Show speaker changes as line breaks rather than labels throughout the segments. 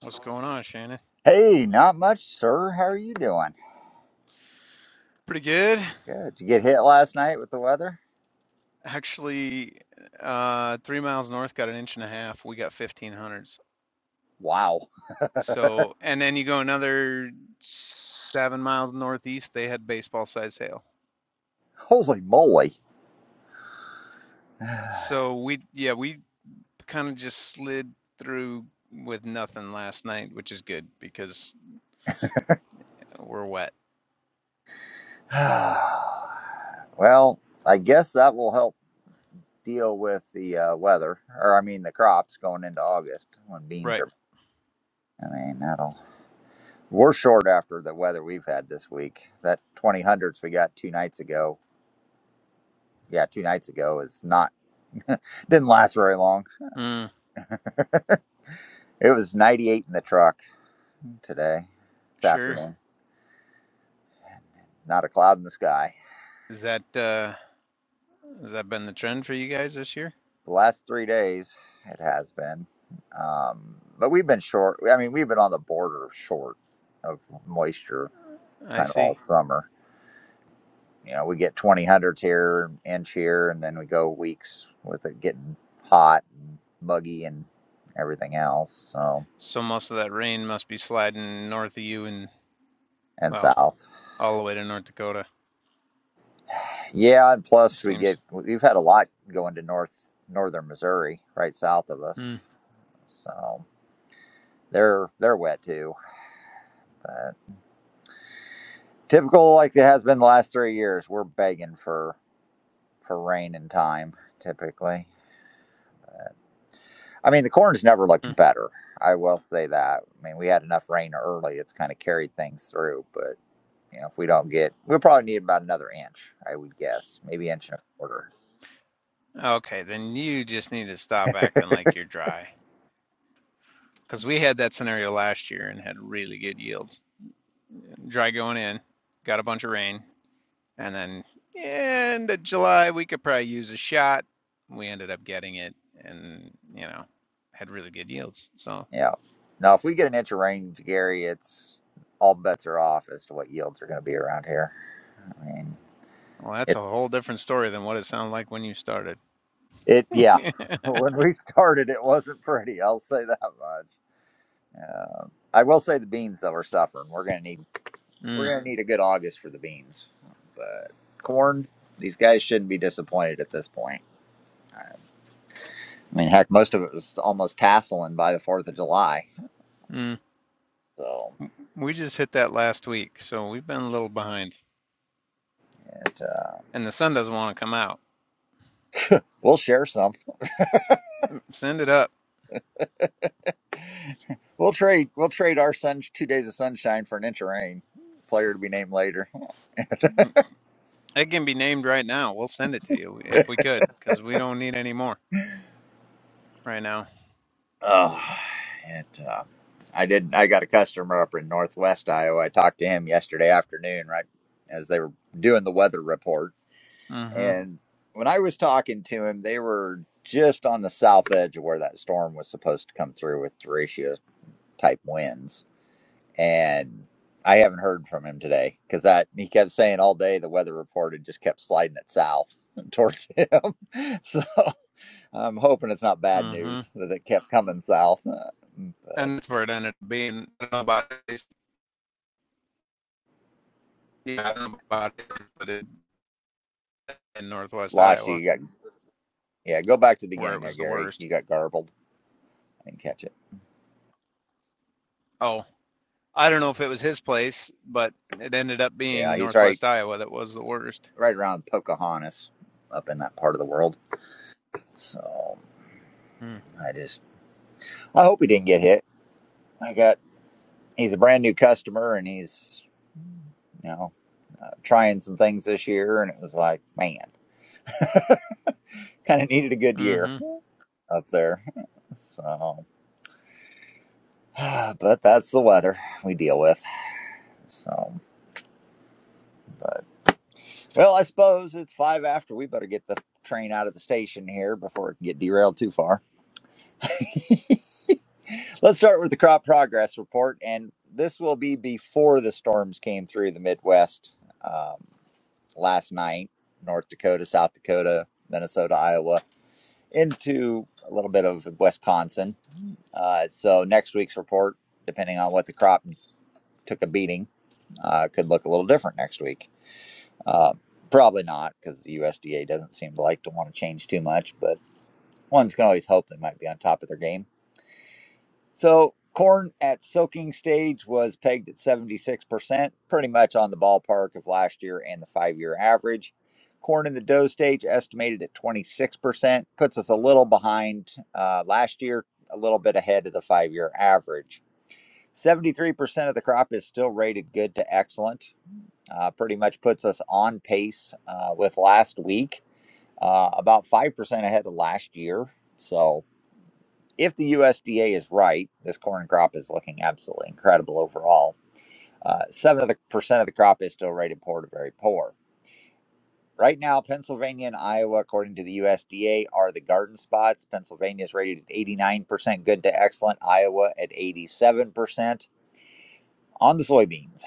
What's going on, Shannon?
Hey, not much, sir. How are you doing?
Pretty good.
Good. Did you get hit last night with the weather?
Actually, uh, three miles north got an inch and a half. We got 1500s.
Wow.
So, and then you go another seven miles northeast, they had baseball sized hail.
Holy moly.
So we, yeah, we kind of just slid through with nothing last night, which is good because we're wet.
well, I guess that will help deal with the uh, weather, or I mean the crops going into August when beans
Right.
are. I mean, that'll. We're short after the weather we've had this week. That 20 hundreds we got two nights ago. Yeah, two nights ago is not. Didn't last very long.
Mm,
It was 98 in the truck today, this
sure.
afternoon. Not a cloud in the sky.
Is that, uh, has that been the trend for you guys this year?
the last three days it has been um, but we've been short i mean we've been on the border of short of moisture
I
kind of
see.
all summer you know we get 20 hundredths here inch here and then we go weeks with it getting hot and muggy and everything else so
So most of that rain must be sliding north of you and,
and
well,
south
all the way to North Dakota,
yeah and
it
plus we
seems.
get we've had a lot going to north northern missouri right south of us
Hmm.
so they're they're wet too but. Typical like it has been the last three years. We're begging for for rain and time. Typically, I mean the corn's never
hmm.
looked better. I will say that. I mean we had enough rain early. It's kind of carried things through. But you know if we don't get, we'll probably need about another inch. I would guess maybe inch and a quarter.
Okay, then you just need to stop acting like you're dry. Because we had that scenario last year and had really good yields. Dry going in, got a bunch of rain, and then end of July, we could probably use a shot. We ended up getting it and, you know, had really good yields. So,
Yeah. Now if we get an inch of rain, Gary, it's all bets are off as to what yields are going to be around here. I mean
well, that's
it.
a whole different story than what it sounded like when you started.
It yeah.
mm,
When we started, it wasn't pretty. I'll say that much. Uh, I will say the beans though are suffering. We're gonna need we're gonna need a good August for the beans, but corn. These guys shouldn't be disappointed at this point. I mean, heck, most of it was almost tasseling by the Fourth of July.
mm.
So
We just hit that last week, so we've been a little behind.
it, uh,
And the sun doesn't want to come out.
we'll share some.
Send it up.
We'll trade. We'll trade our sun two days of sunshine for an inch of rain. Player to be named later.
Mm, It can be named right now. We'll send it to you if we could, because we don't need any more right now.
Oh, it. Uh, I didn't. I got a customer up in Northwest Iowa. I talked to him yesterday afternoon, right as they were doing the weather report
Mm-hmm.
And when I was talking to him, they were just on the south edge of where that storm was supposed to come through with derecho type winds. And I haven't heard from him today because that he kept saying all day the weather report had just kept sliding it south towards him. so I'm hoping it's not bad
Mm-hmm.
news that it kept coming south. Uh, But
And that's where it ended up being. I don't know about this- yeah, I don't know about it, but it, in Northwest
lost you.
Iowa,
you got, yeah, go back to the
where
beginning
it
there,
was the
Gary.
worst.
You got garbled. I didn't catch it.
Oh, I don't know if it was his place, but it ended up
Yeah,
being
he's right,
Northwest Iowa that was the worst.
right around Pocahontas up in that part of the world. So
Mm.
I just I hope he didn't get hit. I got he's a brand new customer and he's you know uh, trying some things this year and it was like man kind of needed a good year
Mm-hmm.
up there. So but that's the weather we deal with. So but well I suppose it's five after we better get the train out of the station here before it can get derailed too far. Let's start with the crop progress report and this will be before the storms came through the Midwest. Um, last night North Dakota, South Dakota, Minnesota, Iowa, into a little bit of Wisconsin. Uh, so next week's report, depending on what the crop took a beating, uh, could look a little different next week. Uh, probably not because the USDA doesn't seem to like to want to change too much, but one's can always hope they might be on top of their game. So corn at soaking stage was pegged at 76%, pretty much on the ballpark of last year and the five year average. Corn in the dough stage estimated at 26%, puts us a little behind uh, last year, a little bit ahead of the five year average. 73% of the crop is still rated good to excellent, uh, pretty much puts us on pace uh, with last week, uh, about 5% ahead of last year. So, if the USDA is right, this corn crop is looking absolutely incredible overall. Uh, Seven percent of the crop is still rated poor to very poor. Right now, Pennsylvania and Iowa, according to the USDA, are the garden spots. Pennsylvania is rated at 89% good to excellent, Iowa at 87%. On the soybeans,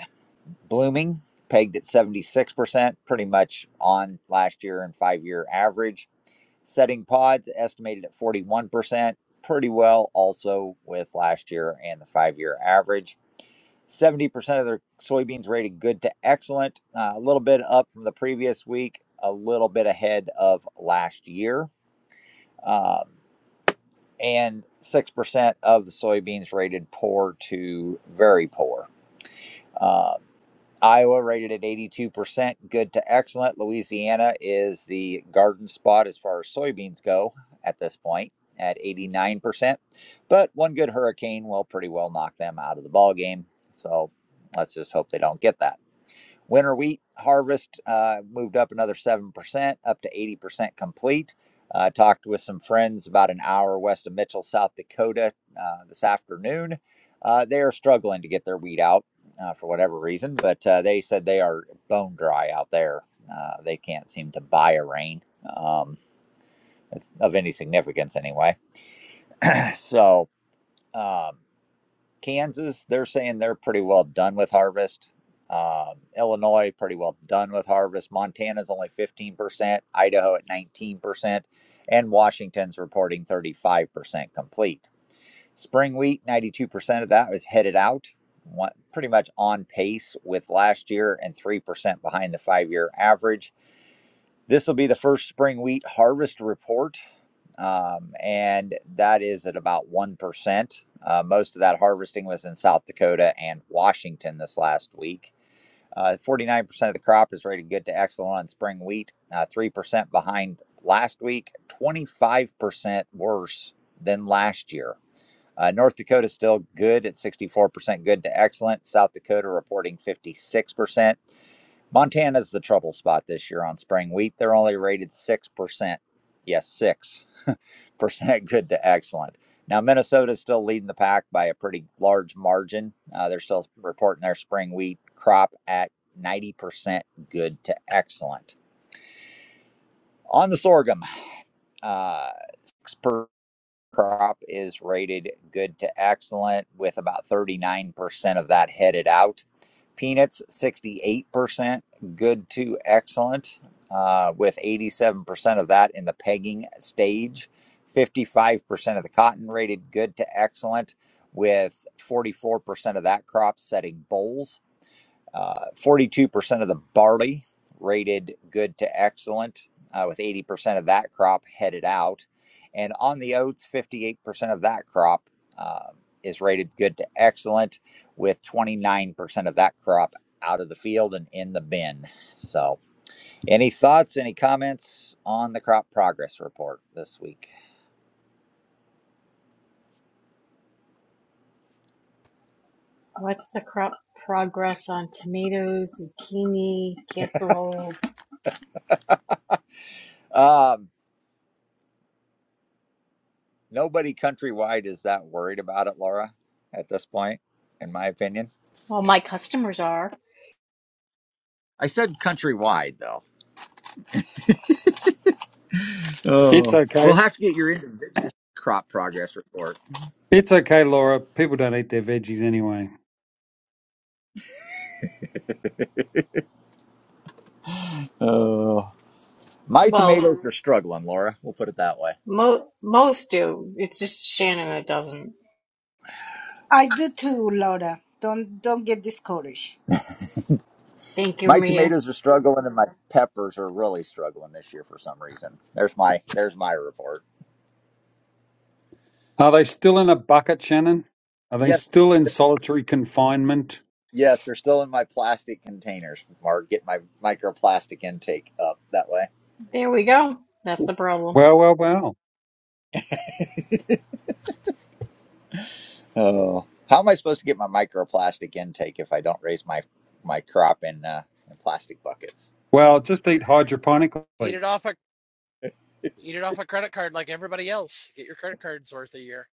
blooming pegged at 76%, pretty much on last year and five year average. Setting pods estimated at 41%, pretty well also with last year and the five year average. 70% of their soybeans rated good to excellent, uh, a little bit up from the previous week, a little bit ahead of last year. Um, and 6% of the soybeans rated poor to very poor. Um, Iowa rated at 82%, good to excellent. Louisiana is the garden spot as far as soybeans go at this point at 89%. But one good hurricane will pretty well knock them out of the ballgame. So let's just hope they don't get that. Winter wheat harvest uh, moved up another 7%, up to 80% complete. I uh, talked with some friends about an hour west of Mitchell, South Dakota uh, this afternoon. Uh, they are struggling to get their wheat out uh, for whatever reason, but uh, they said they are bone dry out there. Uh, they can't seem to buy a rain um, of any significance anyway. So, um, Kansas, they're saying they're pretty well done with harvest. Um, Illinois, pretty well done with harvest. Montana's only 15%, Idaho at 19%, and Washington's reporting 35% complete. Spring wheat, 92% of that was headed out, one, pretty much on pace with last year and 3% behind the five year average. This will be the first spring wheat harvest report um, and that is at about 1%. Uh, most of that harvesting was in South Dakota and Washington this last week. Uh, 49% of the crop is rated good to excellent on spring wheat, uh, 3% behind last week, 25% worse than last year. Uh, North Dakota still good at 64% good to excellent. South Dakota reporting 56%. Montana's the trouble spot this year on spring wheat. They're only rated 6%. Yes, 6 percent good to excellent. Now Minnesota's still leading the pack by a pretty large margin. Uh, they're still reporting their spring wheat crop at 90% good to excellent. On the sorghum, uh, 6% crop is rated good to excellent with about 39% of that headed out. Peanuts, 68% good to excellent uh, with 87% of that in the pegging stage. 55% of the cotton rated good to excellent with 44% of that crop setting bowls. Uh, 42% of the barley rated good to excellent, uh, with 80% of that crop headed out. And on the oats, 58% of that crop uh, is rated good to excellent, with 29% of that crop out of the field and in the bin. So, any thoughts, any comments on the crop progress report this week?
What's the crop progress on tomatoes, zucchini, cantaloupe?
Um, nobody countrywide is that worried about it, Laura, at this point, in my opinion.
Well, my customers are.
I said countrywide, though.
It's
Oh, We'll
okay.
have to get your individual crop progress report.
It's okay, Laura. People don't eat their veggies anyway.
oh. My
Well,
tomatoes are struggling, Laura. We'll put it that way.
mo- most do. It's just Shannon that doesn't.
I do too, Laura. Don't don't get discouraged.
Thank you,
My
Mia.
tomatoes are struggling, and my peppers are really struggling this year for some reason. There's my there's my report.
Are they still in a bucket, Shannon? Are they
Yes,
still in solitary confinement?
yes, they're still in my plastic containers. Mark, get my microplastic intake up that way.
There we go. That's the problem.
Well, well, well.
Oh, how am I supposed to get my microplastic intake if I don't raise my my crop in uh, in plastic buckets?
Well, just eat
Eat
hydroponically.
it off a eat it off a credit card like everybody else. Get your credit cards worth a year.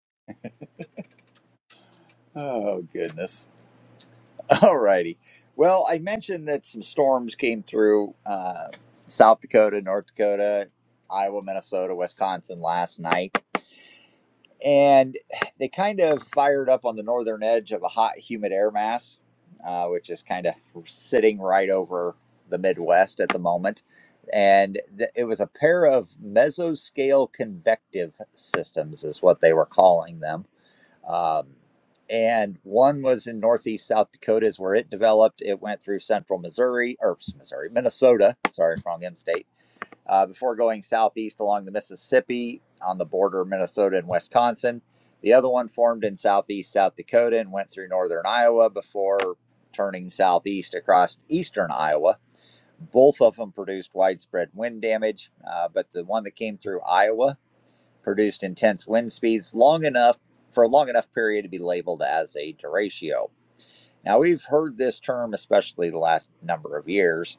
Oh goodness. All righty. Well, I mentioned that some storms came through uh, South Dakota, North Dakota, Iowa, Minnesota, Wisconsin last night. And they kind of fired up on the northern edge of a hot, humid air mass, uh, which is kind of sitting right over the Midwest at the moment. And th- it was a pair of mesoscale convective systems, is what they were calling them um, and one was in northeast South Dakota, is where it developed. It went through central Missouri, or Missouri, Minnesota. Sorry, wrong M state. Uh, before going southeast along the Mississippi on the border of Minnesota and Wisconsin. The other one formed in southeast South Dakota and went through northern Iowa before turning southeast across eastern Iowa. Both of them produced widespread wind damage, uh, but the one that came through Iowa produced intense wind speeds long enough for a long enough period to be labeled as a derecho. Now, we've heard this term, especially the last number of years.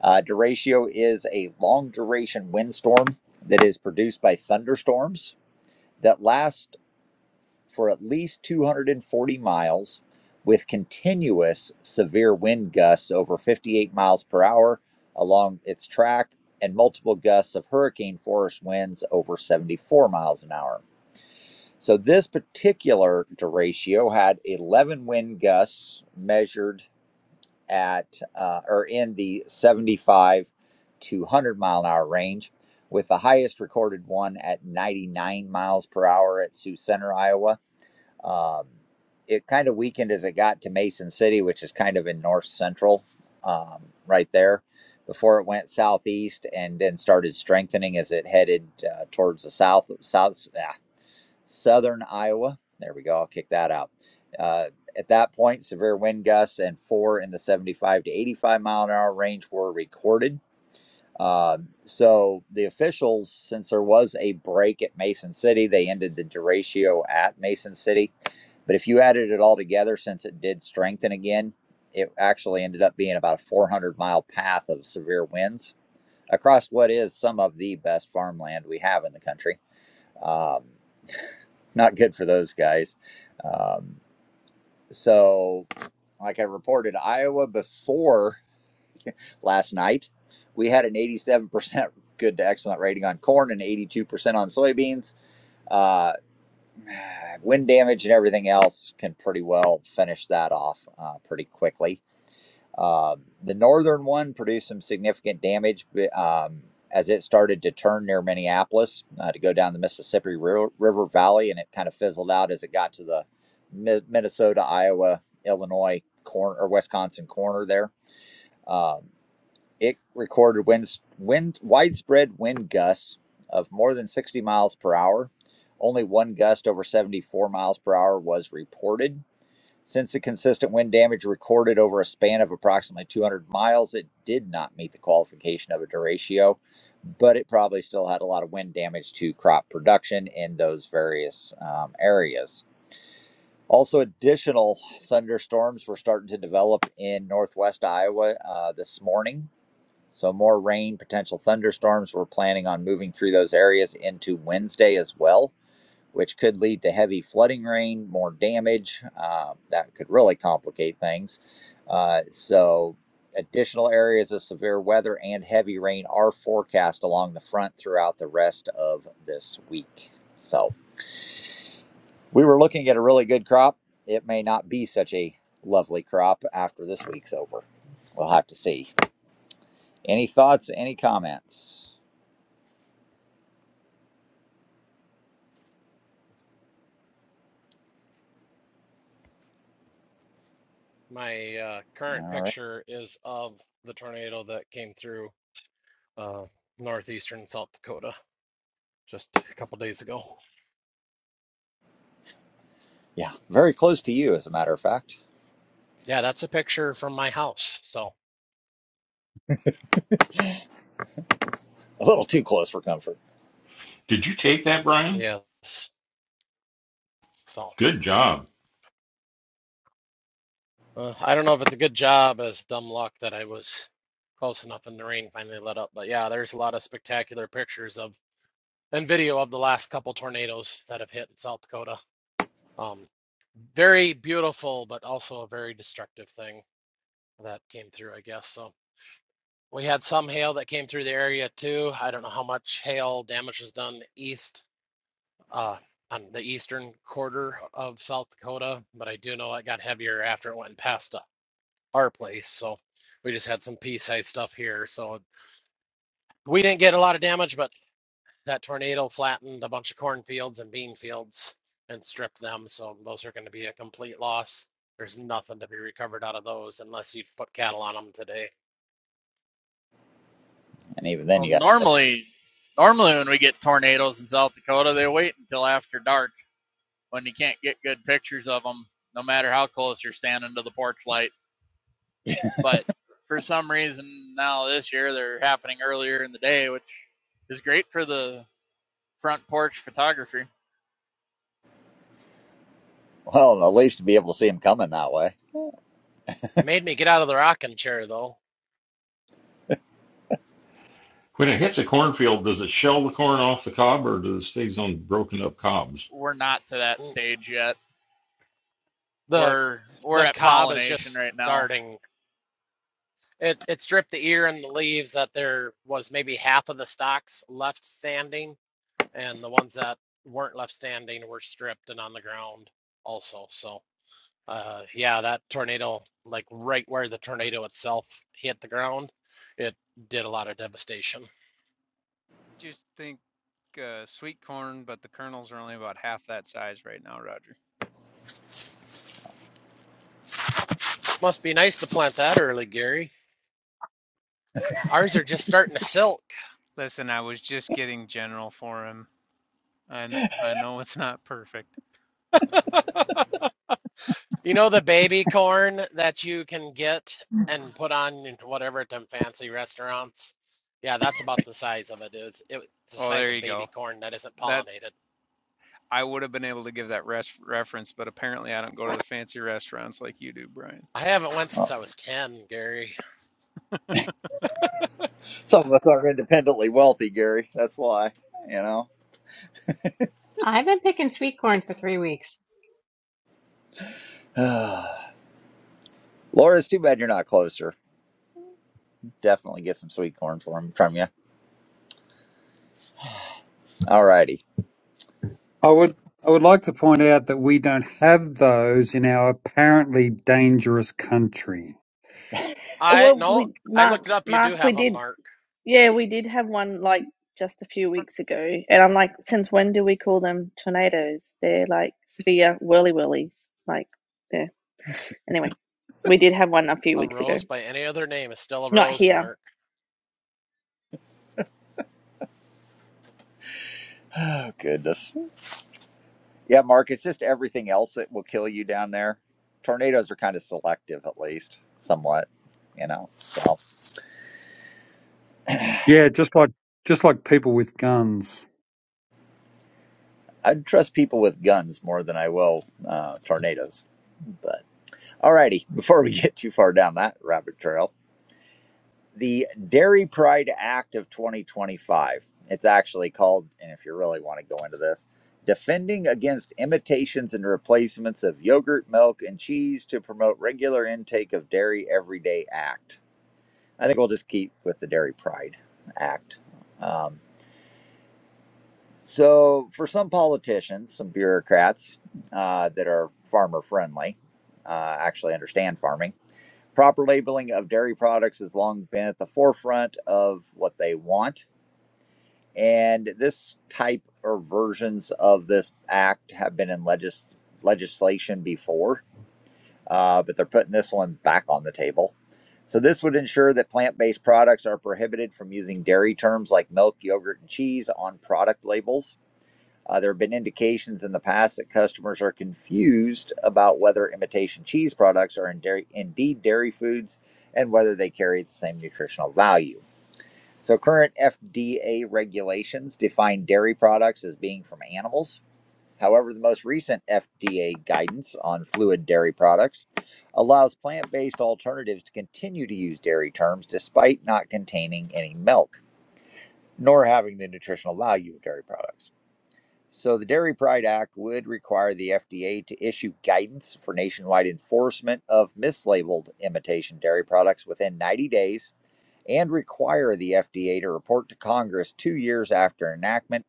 Uh, duratio is a long duration windstorm that is produced by thunderstorms that last for at least 240 miles with continuous severe wind gusts over 58 miles per hour along its track and multiple gusts of hurricane force winds over 74 miles an hour. So this particular derecho had 11 wind gusts measured at uh, or in the 75 to 100 mile an hour range, with the highest recorded one at 99 miles per hour at Sioux Center, Iowa. Um, it kind of weakened as it got to Mason City, which is kind of in north central, um, right there, before it went southeast and then started strengthening as it headed uh, towards the south south. uh, southern Iowa. There we go. I'll kick that out. Uh, at that point, severe wind gusts and four in the 75 to 85 mile an hour range were recorded. Um, so the officials, since there was a break at Mason City, they ended the derecho at Mason City. But if you added it all together, since it did strengthen again, it actually ended up being about a 400 mile path of severe winds across what is some of the best farmland we have in the country. Um, not good for those guys. Um, so, like I reported, Iowa before last night, we had an 87% good to excellent rating on corn and 82% on soybeans. Uh, wind damage and everything else can pretty well finish that off uh, pretty quickly. Um, the northern one produced some significant damage um, as it started to turn near Minneapolis uh, to go down the Mississippi River Valley, and it kind of fizzled out as it got to the Minnesota, Iowa, Illinois corner or Wisconsin corner there. Um, it recorded winds, wind widespread wind gusts of more than 60 miles per hour. Only one gust over 74 miles per hour was reported since the consistent wind damage recorded over a span of approximately 200 miles, it did not meet the qualification of a derecho, but it probably still had a lot of wind damage to crop production in those various um, areas. Also, additional thunderstorms were starting to develop in northwest Iowa uh, this morning. So, more rain, potential thunderstorms. We're planning on moving through those areas into Wednesday as well which could lead to heavy flooding rain, more damage. Uh, that could really complicate things. Uh, so, additional areas of severe weather and heavy rain are forecast along the front throughout the rest of this week. So, we were looking at a really good crop. It may not be such a lovely crop after this week's over. We'll have to see. Any thoughts, any comments?
My uh, current
All right.
picture is of the tornado that came through uh, northeastern South Dakota just a couple days ago.
Yeah, very close to you, as a matter of fact.
Yeah, that's a picture from my house. So
A little too close for comfort.
Did you take that, Brian?
yes, so
Good job.
uh, I don't know if it's a good job as dumb luck that I was close enough and the rain finally let up. But yeah, there's a lot of spectacular pictures of and video of the last couple tornadoes that have hit in South Dakota. Um, very beautiful, but also a very destructive thing that came through, I guess. So we had some hail that came through the area too. I don't know how much hail damage was done east, uh, on the eastern quarter of South Dakota, but I do know it got heavier after it went past uh, our place. So we just had some pea-sized stuff here. So we didn't get a lot of damage, but that tornado flattened a bunch of cornfields and bean fields and stripped them, so those are going to be a complete loss. There's nothing to be recovered out of those unless you put cattle on them today.
And even then,
Well,
you got
normally, normally when we get tornadoes in South Dakota, they wait until after dark when you can't get good pictures of them, no matter how close you're standing to the porch light. But for some reason now this year they're happening earlier in the day, which is great for the front porch photography.
Well, at least to be able to see them coming that way.
Made me get out of the rocking chair though.
When it hits a cornfield, does it shell the corn off the cob or does it stays on broken up cobs?
We're not to that
Mm,
stage yet.
The
We're we're
the
at
cob is
pollination right
just
now.
starting. It it stripped the ear and the leaves that there was maybe half of the stalks left standing, and the ones that weren't left standing were stripped and on the ground also. So. Uh, yeah, that tornado, like right where the tornado itself hit the ground, it did a lot of devastation.
Just think uh, sweet corn, but the kernels are only about half that size right now, Roger.
Must be nice to plant that early, Gary. Ours are just starting to silk.
Listen, I was just getting general for him. I kn- I know it's not perfect.
You know the baby corn that you can get and put on in whatever at them fancy restaurants? Yeah, that's about the size of it. It's, it, it's the
Oh,
size
there
of
you
baby
go.
corn that isn't
That
pollinated.
I would have been able to give that res- reference, but apparently I don't go to the fancy restaurants like you do, Brian.
I haven't went since
Well,
I was 10, Gary.
some of us are independently wealthy, Gary. That's why, you know.
I've been picking sweet corn for three weeks.
Laura, it's too bad you're not closer. Definitely get some sweet corn for him from you. All righty.
I would I would like to point out that we don't have those in our apparently dangerous country.
I
Well,
no,
we
I looked it
Mark,
up. You do
Mark, we
have a
did,
mark.
yeah, we did have one like just a few weeks ago, and I'm like, since when do we call them tornadoes? They're like severe whirly whirlies. Like, yeah. Anyway, we did have one a few
A
weeks ago.
rose by any other name is still a
Not
rose,
here.
Mark.
Oh, goodness. Yeah, Mark, it's just everything else that will kill you down there. Tornadoes are kind of selective, at least, somewhat, you know. So
Yeah, just like just like people with guns.
I'd trust people with guns more than I will uh, tornadoes. But all righty, before we get too far down that rabbit trail, the Dairy Pride Act of 2025. It's actually called, and if you really want to go into this, Defending Against Imitations and Replacements of Yogurt, Milk, and Cheese to Promote Regular Intake of Dairy Everyday Act. I think we'll just keep with the Dairy Pride Act. Um, so, for some politicians, some bureaucrats uh, that are farmer friendly, uh, actually understand farming proper labeling of dairy products has long been at the forefront of what they want. And this type or versions of this act have been in legis- legislation before, uh, but they're putting this one back on the table. So, this would ensure that plant based products are prohibited from using dairy terms like milk, yogurt, and cheese on product labels. Uh, there have been indications in the past that customers are confused about whether imitation cheese products are in dairy, indeed dairy foods and whether they carry the same nutritional value. So, current FDA regulations define dairy products as being from animals. However, the most recent FDA guidance on fluid dairy products allows plant based alternatives to continue to use dairy terms despite not containing any milk nor having the nutritional value of dairy products. So, the Dairy Pride Act would require the FDA to issue guidance for nationwide enforcement of mislabeled imitation dairy products within 90 days and require the FDA to report to Congress two years after enactment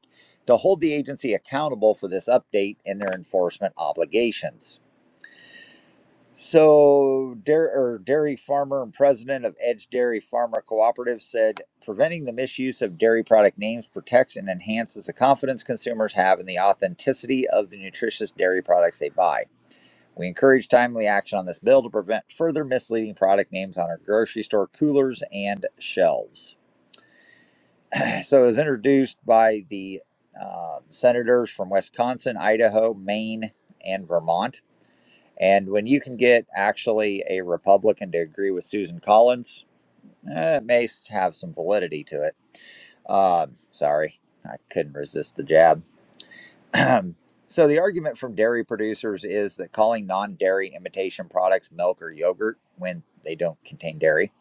to hold the agency accountable for this update in their enforcement obligations. So, dairy, or dairy farmer and president of Edge Dairy Farmer Cooperative said, preventing the misuse of dairy product names protects and enhances the confidence consumers have in the authenticity of the nutritious dairy products they buy. We encourage timely action on this bill to prevent further misleading product names on our grocery store coolers and shelves. So, it was introduced by the um, senators from Wisconsin, Idaho, Maine, and Vermont. And when you can get actually a Republican to agree with Susan Collins, eh, it may have some validity to it. Um, sorry, I couldn't resist the jab. so, the argument from dairy producers is that calling non dairy imitation products milk or yogurt when they don't contain dairy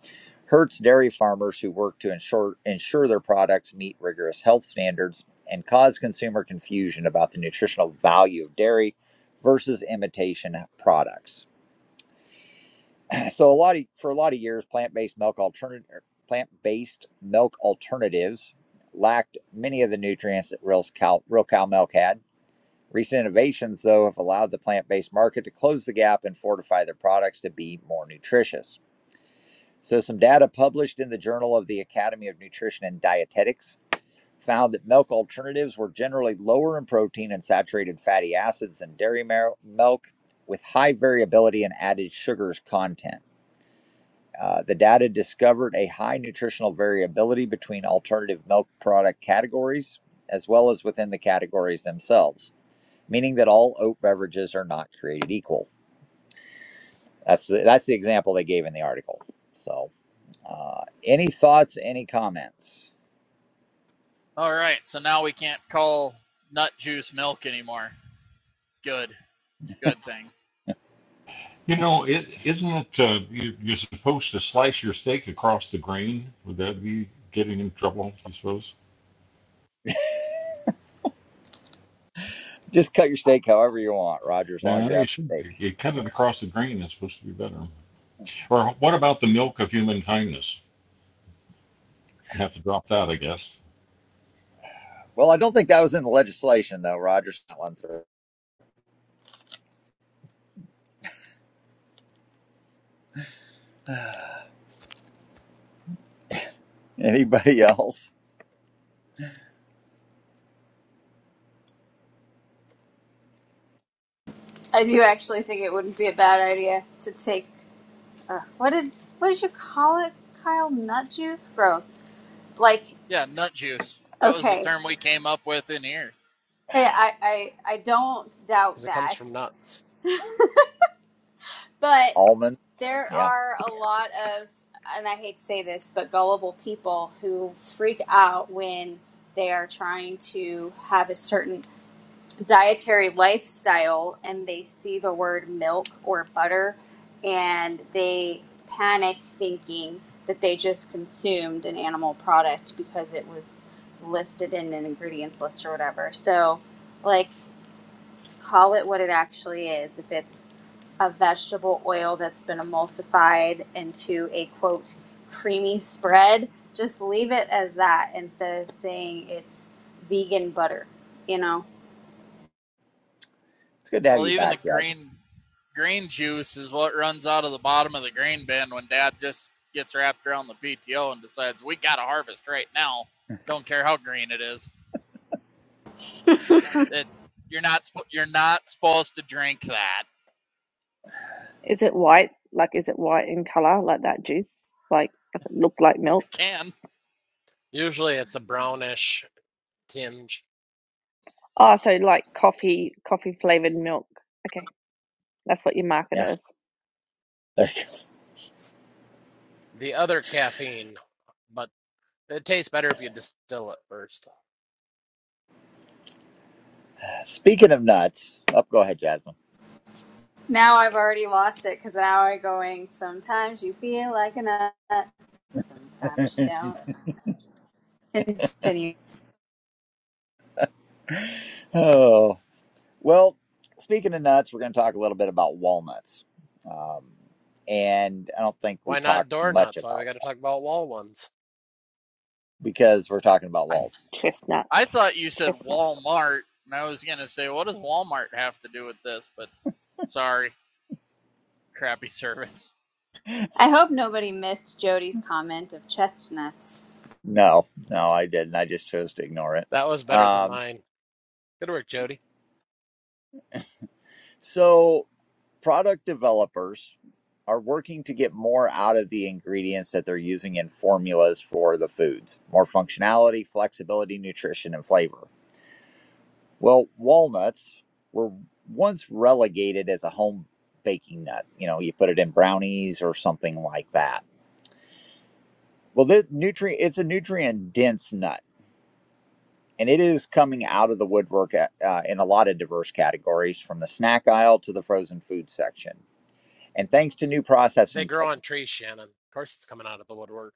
hurts dairy farmers who work to ensure, ensure their products meet rigorous health standards and cause consumer confusion about the nutritional value of dairy versus imitation products. so a lot of for a lot of years plant-based milk alternative plant-based milk alternatives lacked many of the nutrients that real cow, real cow milk had recent innovations though have allowed the plant-based market to close the gap and fortify their products to be more nutritious so some data published in the journal of the academy of nutrition and dietetics found that milk alternatives were generally lower in protein and saturated fatty acids than dairy milk with high variability in added sugars content uh, the data discovered a high nutritional variability between alternative milk product categories as well as within the categories themselves, meaning that all oat beverages are not created equal. That's the, that's the example they gave in the article. So, uh, any thoughts, any comments?
All right, so now we can't call nut juice milk anymore. It's good, good thing.
You know, it, isn't it uh, you, you're supposed to slice your steak across the grain? Would that be getting in trouble, you suppose?
Just cut your steak however you want, Roger, as long
Yeah, I
as you
think
have
it should
steak.
be. You cut it across the grain, it's supposed to be better. Or what about the milk of human kindness? You have to drop that, I guess.
Well, I don't think that was in the legislation, though, Roger. That one through. Anybody else?
I do actually think it wouldn't be a bad idea to take uh, what did what did you call it, Kyle? Nut juice? Gross. Like
Yeah, nut juice. That was the
okay,
term we came up with in here.
Hey, I I I don't
because
doubt
it comes
that,
from nuts.
but
Almond?
there
Yeah.
are a lot of and I hate to say this, but gullible people who freak out when they are trying to have a certain dietary lifestyle and they see the word milk or butter and they panic thinking that they just consumed an animal product because it was listed in an ingredients list or whatever. So, like, call it what it actually is. If it's a vegetable oil that's been emulsified into a quote creamy spread, just leave it as that instead of saying it's vegan butter, you know?
It's good to have
Well,
you
even the
back, Dad.
green green juice is what runs out of the bottom of the grain bin when Dad just gets wrapped around the PTO and decides we got to harvest right now. Don't care how green it is. It you're not you're not supposed to drink that.
Is it white? Like, is it white in color, like that juice? Like, does it look like milk?
It can.
Usually it's a brownish tinge.
Oh, so like coffee, coffee flavored milk. Okay, that's what you market it
Yeah.
as.
There
The other caffeine, but it tastes better if you distill it first.
Speaking of nuts, oh, go ahead, Jasmine.
Now I've already lost it because now I'm going. Sometimes you feel like a nut, sometimes you don't. Continue.
Oh, well, speaking of nuts, we're going to talk a little bit about walnuts. Um, and I don't think we
Why not
talked
door
much
nuts? Why we
about
got to talk about wall ones?
because we're talking about
I
walls.
I
Chestnuts,
thought you said
chestnuts.
Walmart, and I was gonna say what does Walmart have to do with this? But sorry, crappy service.
I hope nobody missed Jody's comment of chestnuts
No, no, I didn't. I just chose to ignore it.
That was better than
Um,
mine. Good work, Jody.
so, product developers are working to get more out of the ingredients that they're using in formulas for the foods more functionality, flexibility, nutrition, and flavor Well, walnuts were once relegated as a home baking nut. You know, you put it in brownies or something like that. Well, the nutrient it's a nutrient dense nut, and it is coming out of the woodwork uh, uh, in a lot of diverse categories, from the snack aisle to the frozen food section. And thanks to new
They
processing
grow
tech,
on trees, Shannon. Of course it's coming out of the woodwork.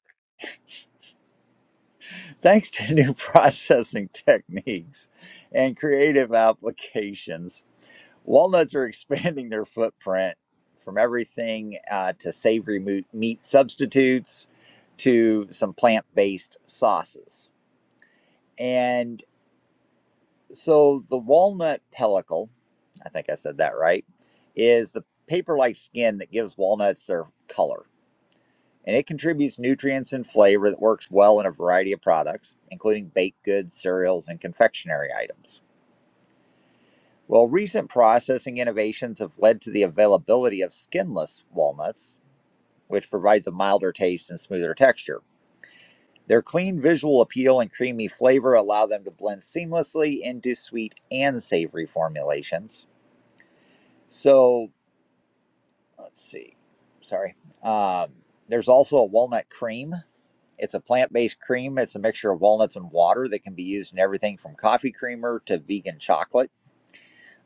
thanks to new processing techniques and creative applications, Walnuts are expanding their footprint from everything uh, to savory meat substitutes to some plant based sauces. And so the walnut pellicle, I think I said that right, is the paper like skin that gives walnuts their color. And it contributes nutrients and flavor that works well in a variety of products, including baked goods, cereals, and confectionery items. Well, recent processing innovations have led to the availability of skinless walnuts, which provides a milder taste and smoother texture. Their clean visual appeal and creamy flavor allow them to blend seamlessly into sweet and savory formulations. So, let's see. Sorry. Um, there's also a walnut cream. It's a plant based cream. It's a mixture of walnuts and water that can be used in everything from coffee creamer to vegan chocolate.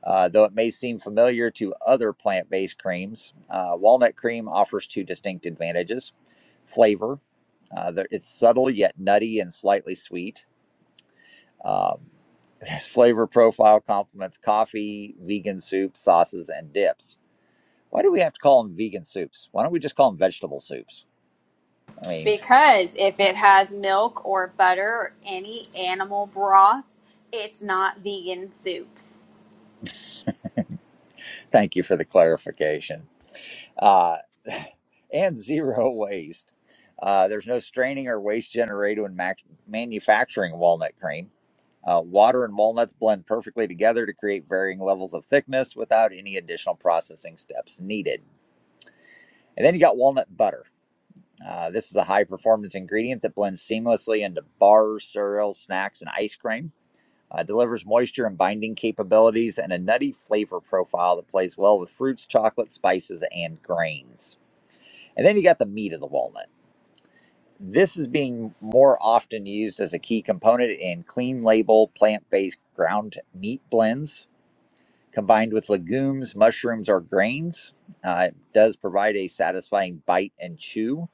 Uh, though it may seem familiar to other plant based creams, uh, walnut cream offers two distinct advantages flavor, uh, it's subtle yet nutty and slightly sweet. Um, this flavor profile complements coffee, vegan soups, sauces, and dips. Why do we have to call them vegan soups? Why don't we just call them vegetable soups? I mean,
because if it has milk or butter or any animal broth, it's not vegan soups.
thank you for the clarification. uh, and zero waste. Uh, there's no straining or waste generated when mac- manufacturing walnut cream. Uh, water and walnuts blend perfectly together to create varying levels of thickness without any additional processing steps needed. And then you got walnut butter. Uh, this is a high performance ingredient that blends seamlessly into bars, cereals, snacks, and ice cream. Uh, delivers moisture and binding capabilities and a nutty flavor profile that plays well with fruits, chocolate, spices, and grains. And then you got the meat of the walnut. This is being more often used as a key component in clean label plant based ground meat blends. Combined with legumes, mushrooms, or grains, uh, it does provide a satisfying bite and chew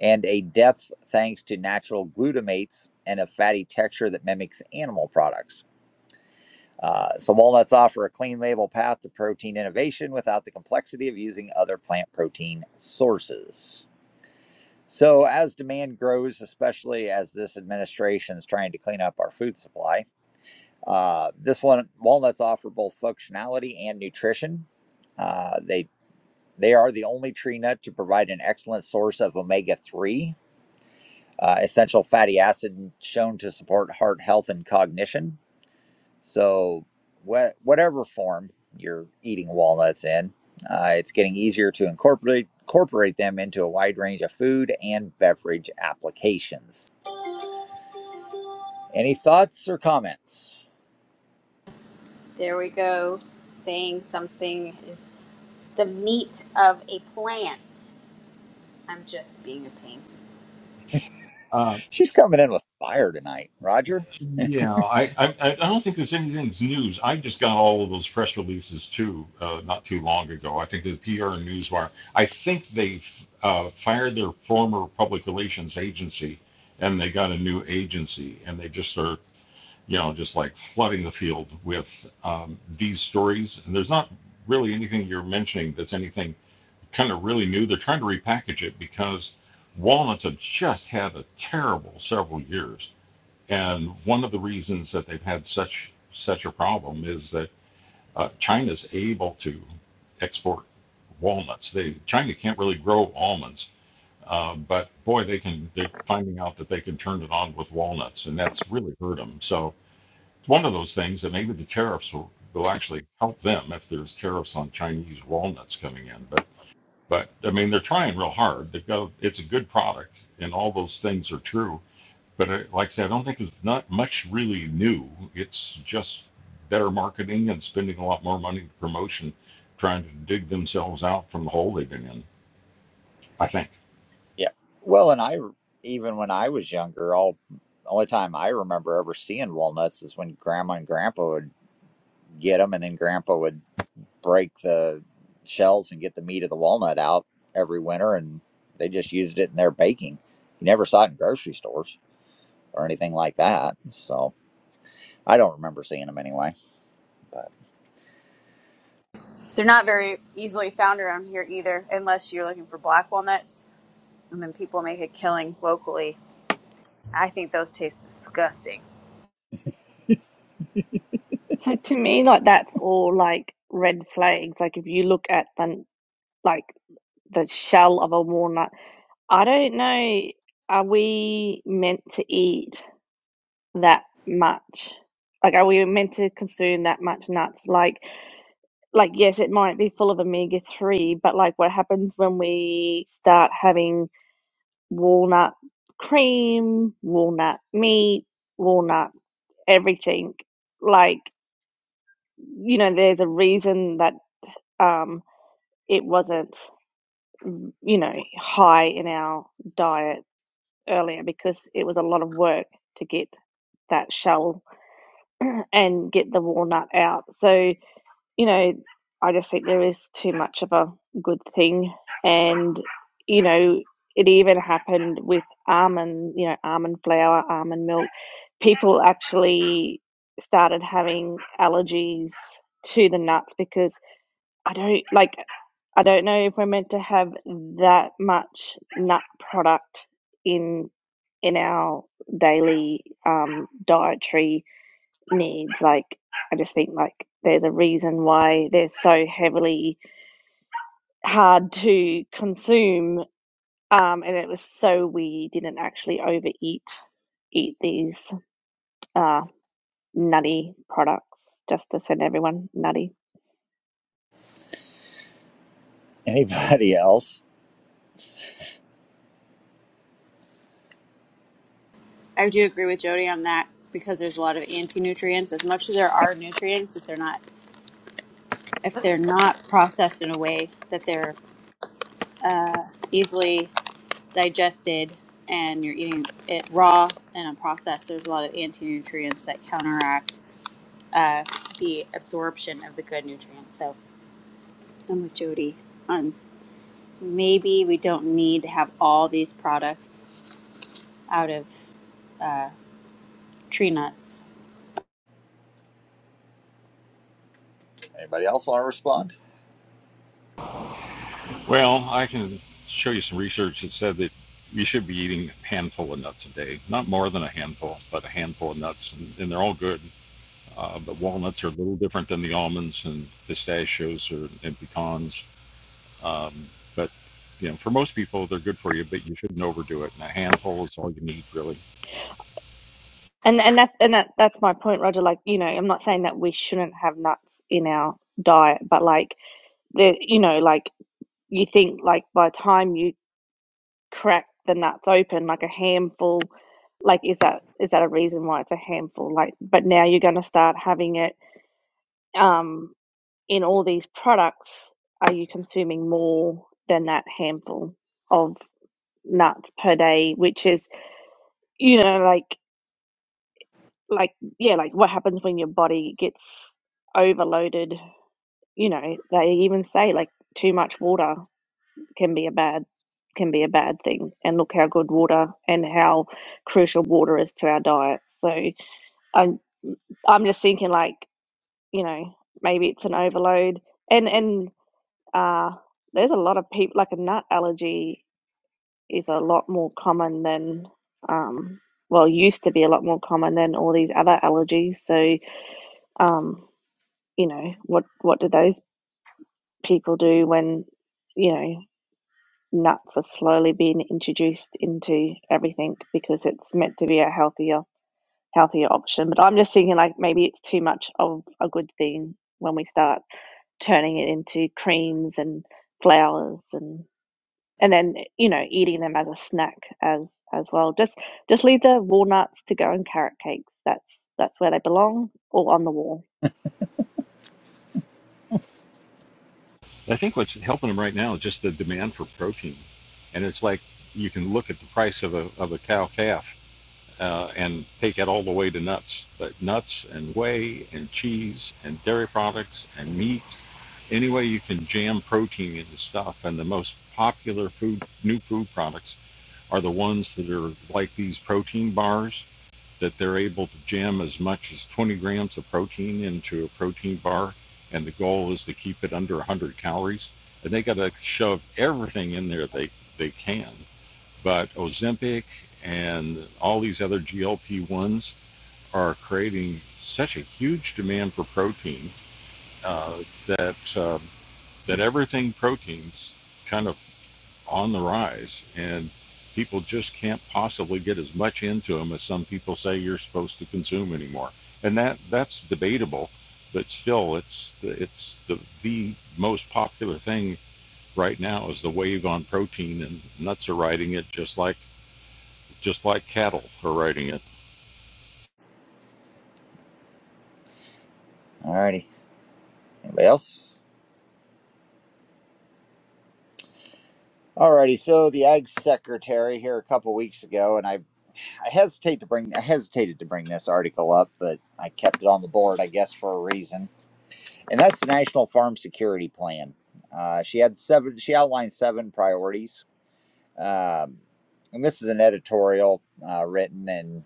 and a depth thanks to natural glutamates and a fatty texture that mimics animal products. Uh, so, walnuts offer a clean label path to protein innovation without the complexity of using other plant protein sources. So, as demand grows, especially as this administration is trying to clean up our food supply, uh, this one walnuts offer both functionality and nutrition. Uh, they they are the only tree nut to provide an excellent source of omega three, uh, essential fatty acid shown to support heart health and cognition. So, wha- whatever form you're eating walnuts in, uh, it's getting easier to incorporate incorporate them into a wide range of food and beverage applications. Any thoughts or comments?
There we go, saying something is the meat of a plant. I'm just being a pain.
Uh,
She's coming in with fire tonight, Roger.
Yeah, I, I, I don't think there's anything's news. I just got all of those press releases too, uh, not too long ago. I think the PR and Newswire. I think they uh, fired their former public relations agency, and they got a new agency, and they just are, you know, just like flooding the field with um, these stories. And there's not really anything you're mentioning that's anything kind of really new. They're trying to repackage it because walnuts have just had a terrible several years and one of the reasons that they've had such such a problem is that uh, China's able to export walnuts. They China can't really grow almonds, uh, but boy, they can. They're finding out that they can turn it on with walnuts, and that's really hurt them. So it's one of those things that maybe the tariffs will, will actually help them if there's tariffs on Chinese walnuts coming in. But but I mean, they're trying real hard. They go. It's a good product, and all those things are true but uh, like I said, I don't think there's not much really new. It's just better marketing and spending a lot more money to promotion, trying to dig themselves out from the hole they've been in. I think.
Yeah. Well, and I even when I was younger, all only time I remember ever seeing walnuts is when Grandma and Grandpa would get them, and then Grandpa would break the shells and get the meat of the walnut out every winter, and they just used it in their baking. You never saw it in grocery stores or anything like that, so I don't remember seeing them anyway. But
They're not very easily found around here either, unless you're looking for black walnuts, and then people make a killing locally. I think those taste disgusting.
So to me, like that's all like red flags. Like if you look at the like the shell of a walnut, I don't know, are we meant to eat that much? Like are we meant to consume that much nuts? Like like yes, it might be full of omega three, but like what happens when we start having walnut cream, walnut meat, walnut everything? Like you know, there's a reason that um it wasn't, you know, high in our diet earlier because it was a lot of work to get that shell and get the walnut out. So, you know, I just think there is too much of a good thing. And, you know, it even happened with almond, you know, almond flour, almond milk. People actually started having allergies to the nuts because I don't like I don't know if we're meant to have that much nut product in in our daily um, dietary needs. Like I just think like there's a reason why they're so heavily hard to consume, um, and it was so we didn't actually overeat eat these. uh, nutty products just to send everyone nutty.
anybody else?
I do agree with Jody on that because there's a lot of anti-nutrients. As much as there are nutrients, if they're not if they're not processed in a way that they're easily digested and you're eating it raw and unprocessed, there's a lot of anti-nutrients that counteract uh, the absorption of the good nutrients. So I'm with Jody on. maybe we don't need to have all these products out of tree nuts.
Anybody else want to respond?
Well, I can show you some research that said that you should be eating a handful of nuts a day, not more than a handful, but a handful of nuts, and, and they're all good. Uh, but walnuts are a little different than the almonds and pistachios or, and pecans Um, but you know, for most people, they're good for you, but you shouldn't overdo it. And a handful is all you need, really.
And and that and that that's my point, Roger. Like, you know, I'm not saying that we shouldn't have nuts in our diet, but like the you know, like you think like by the time you crack the nuts open like a handful like is that is that a reason why it's a handful like but now you're going to start having it um in all these products are you consuming more than that handful of nuts per day which is you know like like yeah like what happens when your body gets overloaded you know they even say like too much water can be a bad can be a bad thing. And look how good water and how crucial water is to our diet. So I am I'm just thinking like, you know, maybe it's an overload. And and uh there's a lot of people like a nut allergy is a lot more common than um well used to be a lot more common than all these other allergies. So um, you know, what what do those people do when you know nuts are slowly being introduced into everything because it's meant to be a healthier healthier option but i'm just thinking like maybe it's too much of a good thing when we start turning it into creams and flowers and and then you know eating them as a snack as as well just just leave the walnuts to go in carrot cakes that's that's where they belong or on the wall
I think what's helping them right now is just the demand for protein, and it's like you can look at the price of a of a cow calf uh, and take it all the way to nuts, but nuts and whey and cheese and dairy products and meat. Any way you can jam protein into stuff, and the most popular food, new food products are the ones that are like these protein bars that they're able to jam as much as 20 grams of protein into a protein bar, and the goal is to keep it under 100 calories. And they got to shove everything in there they, they can. But Ozempic and all these other GLP 1s are creating such a huge demand for protein uh, that, uh, that everything proteins kind of on the rise, and people just can't possibly get as much into them as some people say you're supposed to consume anymore. And that that's debatable, but still, it's the, it's the the most popular thing right now is the wave on protein, and nuts are riding it just like just like cattle are riding it.
All righty. Anybody else? Alrighty, so the ag secretary here a couple weeks ago, and I, I hesitate to bring, I hesitated to bring this article up, but I kept it on the board, I guess, for a reason, and that's the National Farm Security Plan. Uh, she had seven, she outlined seven priorities, um, and this is an editorial uh, written, and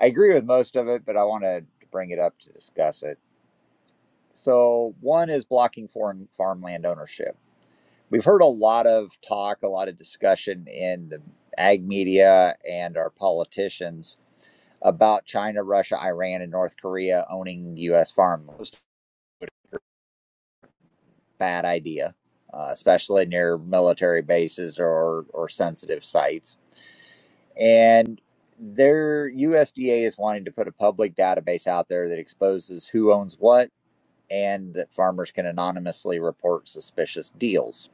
I agree with most of it, but I want to bring it up to discuss it. So one is blocking foreign farmland ownership. We've heard a lot of talk, a lot of discussion in the ag media and our politicians about China, Russia, Iran, and North Korea owning U.S. farmland. Bad idea, uh, especially near military bases or, or sensitive sites. And their USDA is wanting to put a public database out there that exposes who owns what and that farmers can anonymously report suspicious deals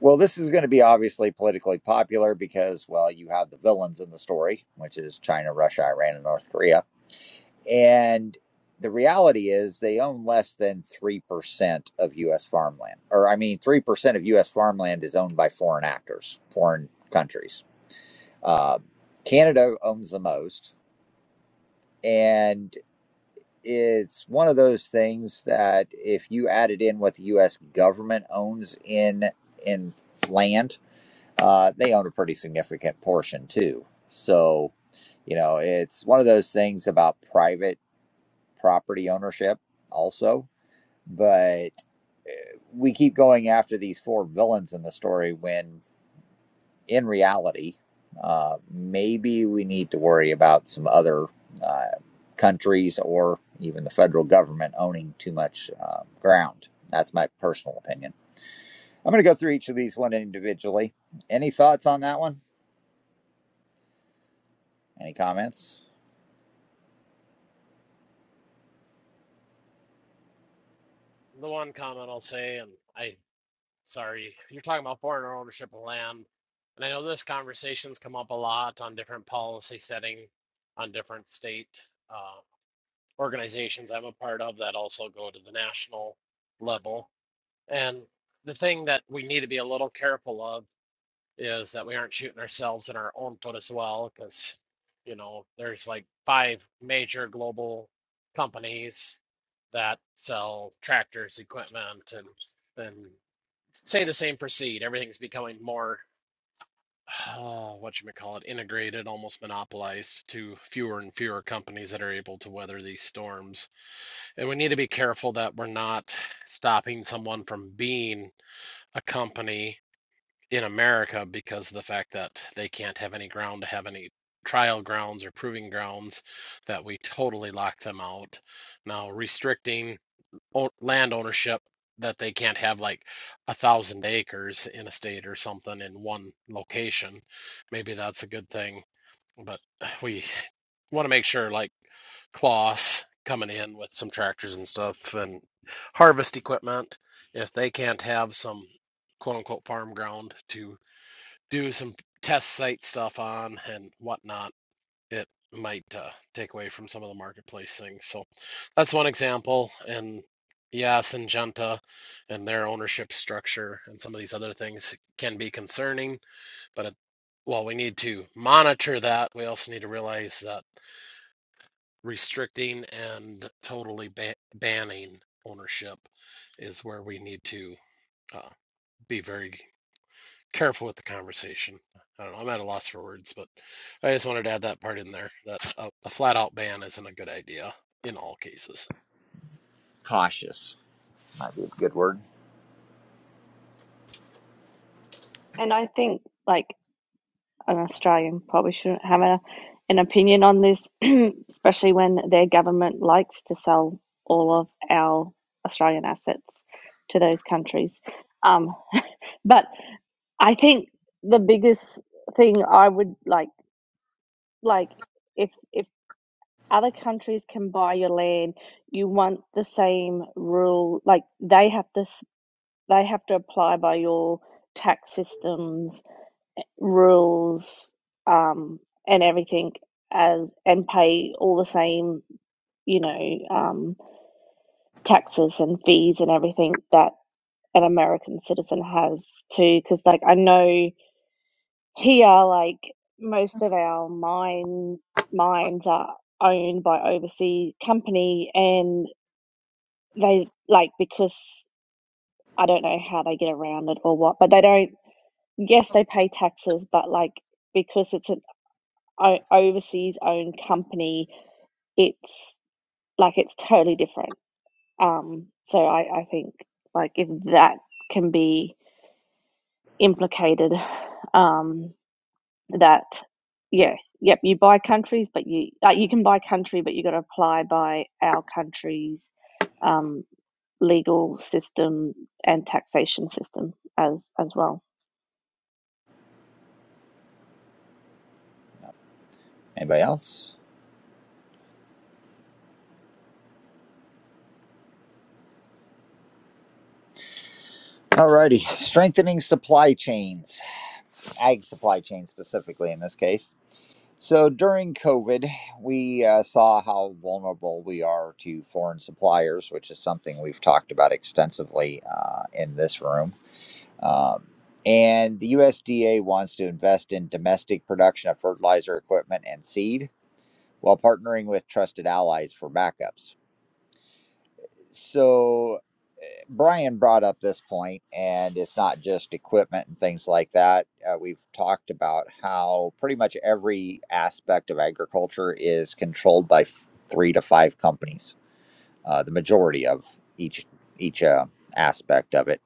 Well, this is going to be obviously politically popular because, well, you have the villains in the story, which is China, Russia, Iran, and North Korea. And the reality is they own less than 3% of U.S. farmland. Or, I mean, 3% of U.S. farmland is owned by foreign actors, foreign countries. Uh, Canada owns the most. And it's one of those things that if you added in what the U.S. government owns in, in land, uh, they own a pretty significant portion too. So, you know, it's one of those things about private property ownership also. But we keep going after these four villains in the story when in reality, uh, maybe we need to worry about some other uh, countries or even the federal government owning too much uh, ground. That's my personal opinion. I'm going to go through each of these one individually. Any thoughts on that one? Any comments?
The one comment I'll say, and I, sorry, you're talking about foreign ownership of land. And I know this conversation's come up a lot on different policy setting, on different state. uh, organizations I'm a part of that also go to the national level. And the thing that we need to be a little careful of is that we aren't shooting ourselves in our own foot as well, because, you know, there's like five major global companies that sell tractors, equipment, and and say the same for seed. Everything's becoming more, uh, what you may call it, integrated, almost monopolized to fewer and fewer companies that are able to weather these storms and we need to be careful that we're not stopping someone from being a company in America because of the fact that they can't have any ground to have any trial grounds or proving grounds that we totally lock them out. Now, restricting land ownership that they can't have like a thousand acres in a state or something in one location, maybe that's a good thing. But we want to make sure like Kloss coming in with some tractors and stuff and harvest equipment, if they can't have some quote unquote farm ground to do some test site stuff on and whatnot, it might uh, take away from some of the marketplace things. So that's one example. And yeah, Syngenta and their ownership structure and some of these other things can be concerning, but it, while we need to monitor that, we also need to realize that restricting and totally ba- banning ownership is where we need to uh, be very careful with the conversation. I don't know. I'm at a loss for words, but I just wanted to add that part in there that a, a flat out ban isn't a good idea in all cases.
cautious might be a good word.
and i think like an Australian probably shouldn't have a, an opinion on this, especially when their government likes to sell all of our Australian assets to those countries. Um, but I think the biggest thing I would like, like if if other countries can buy your land, you want the same rule. Like they have to, they have to apply by your tax systems rules um, and everything as and pay all the same you know um, taxes and fees and everything that an American citizen has too because like I know here like most of our mine mines are owned by overseas company and they like because I don't know how they get around it or what but they don't yes they pay taxes but like because it's an o- overseas owned company, it's like it's totally different. Um, so I, I think like if that can be implicated, um, that yeah, yep, you buy countries, but you like you can buy country, but you got to apply by our country's um, legal system and taxation system as as well.
Anybody else? Alrighty, strengthening supply chains, ag supply chain specifically in this case. So during COVID, we uh, saw how vulnerable we are to foreign suppliers, which is something we've talked about extensively uh, in this room. Um, and the USDA wants to invest in domestic production of fertilizer equipment and seed while partnering with trusted allies for backups. So Brian brought up this point, and it's not just equipment and things like that. Uh, we've talked about how pretty much every aspect of agriculture is controlled by f- three to five companies, uh, the majority of each each uh, aspect of it,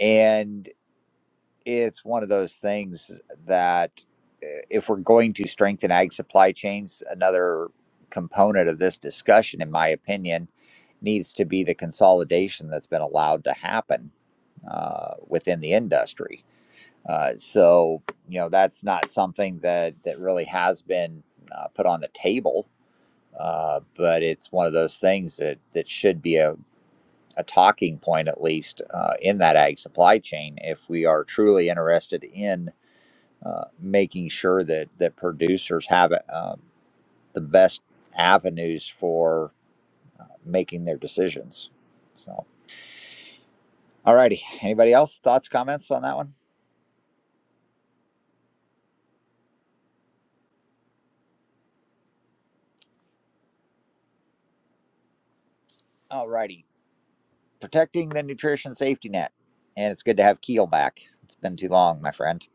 and it's one of those things that uh, if we're going to strengthen ag supply chains, another component of this discussion, in my opinion, needs to be the consolidation that's been allowed to happen uh, within the industry. Uh, so, you know, that's not something that that really has been uh, put on the table, uh, but it's one of those things that that should be a a talking point, at least uh, in that ag supply chain, if we are truly interested in uh, making sure that that producers have uh, the best avenues for uh, making their decisions. So, all righty. Anybody else thoughts, comments on that one? All righty. Protecting the nutrition safety net, and it's good to have Keel back. It's been too long, my friend.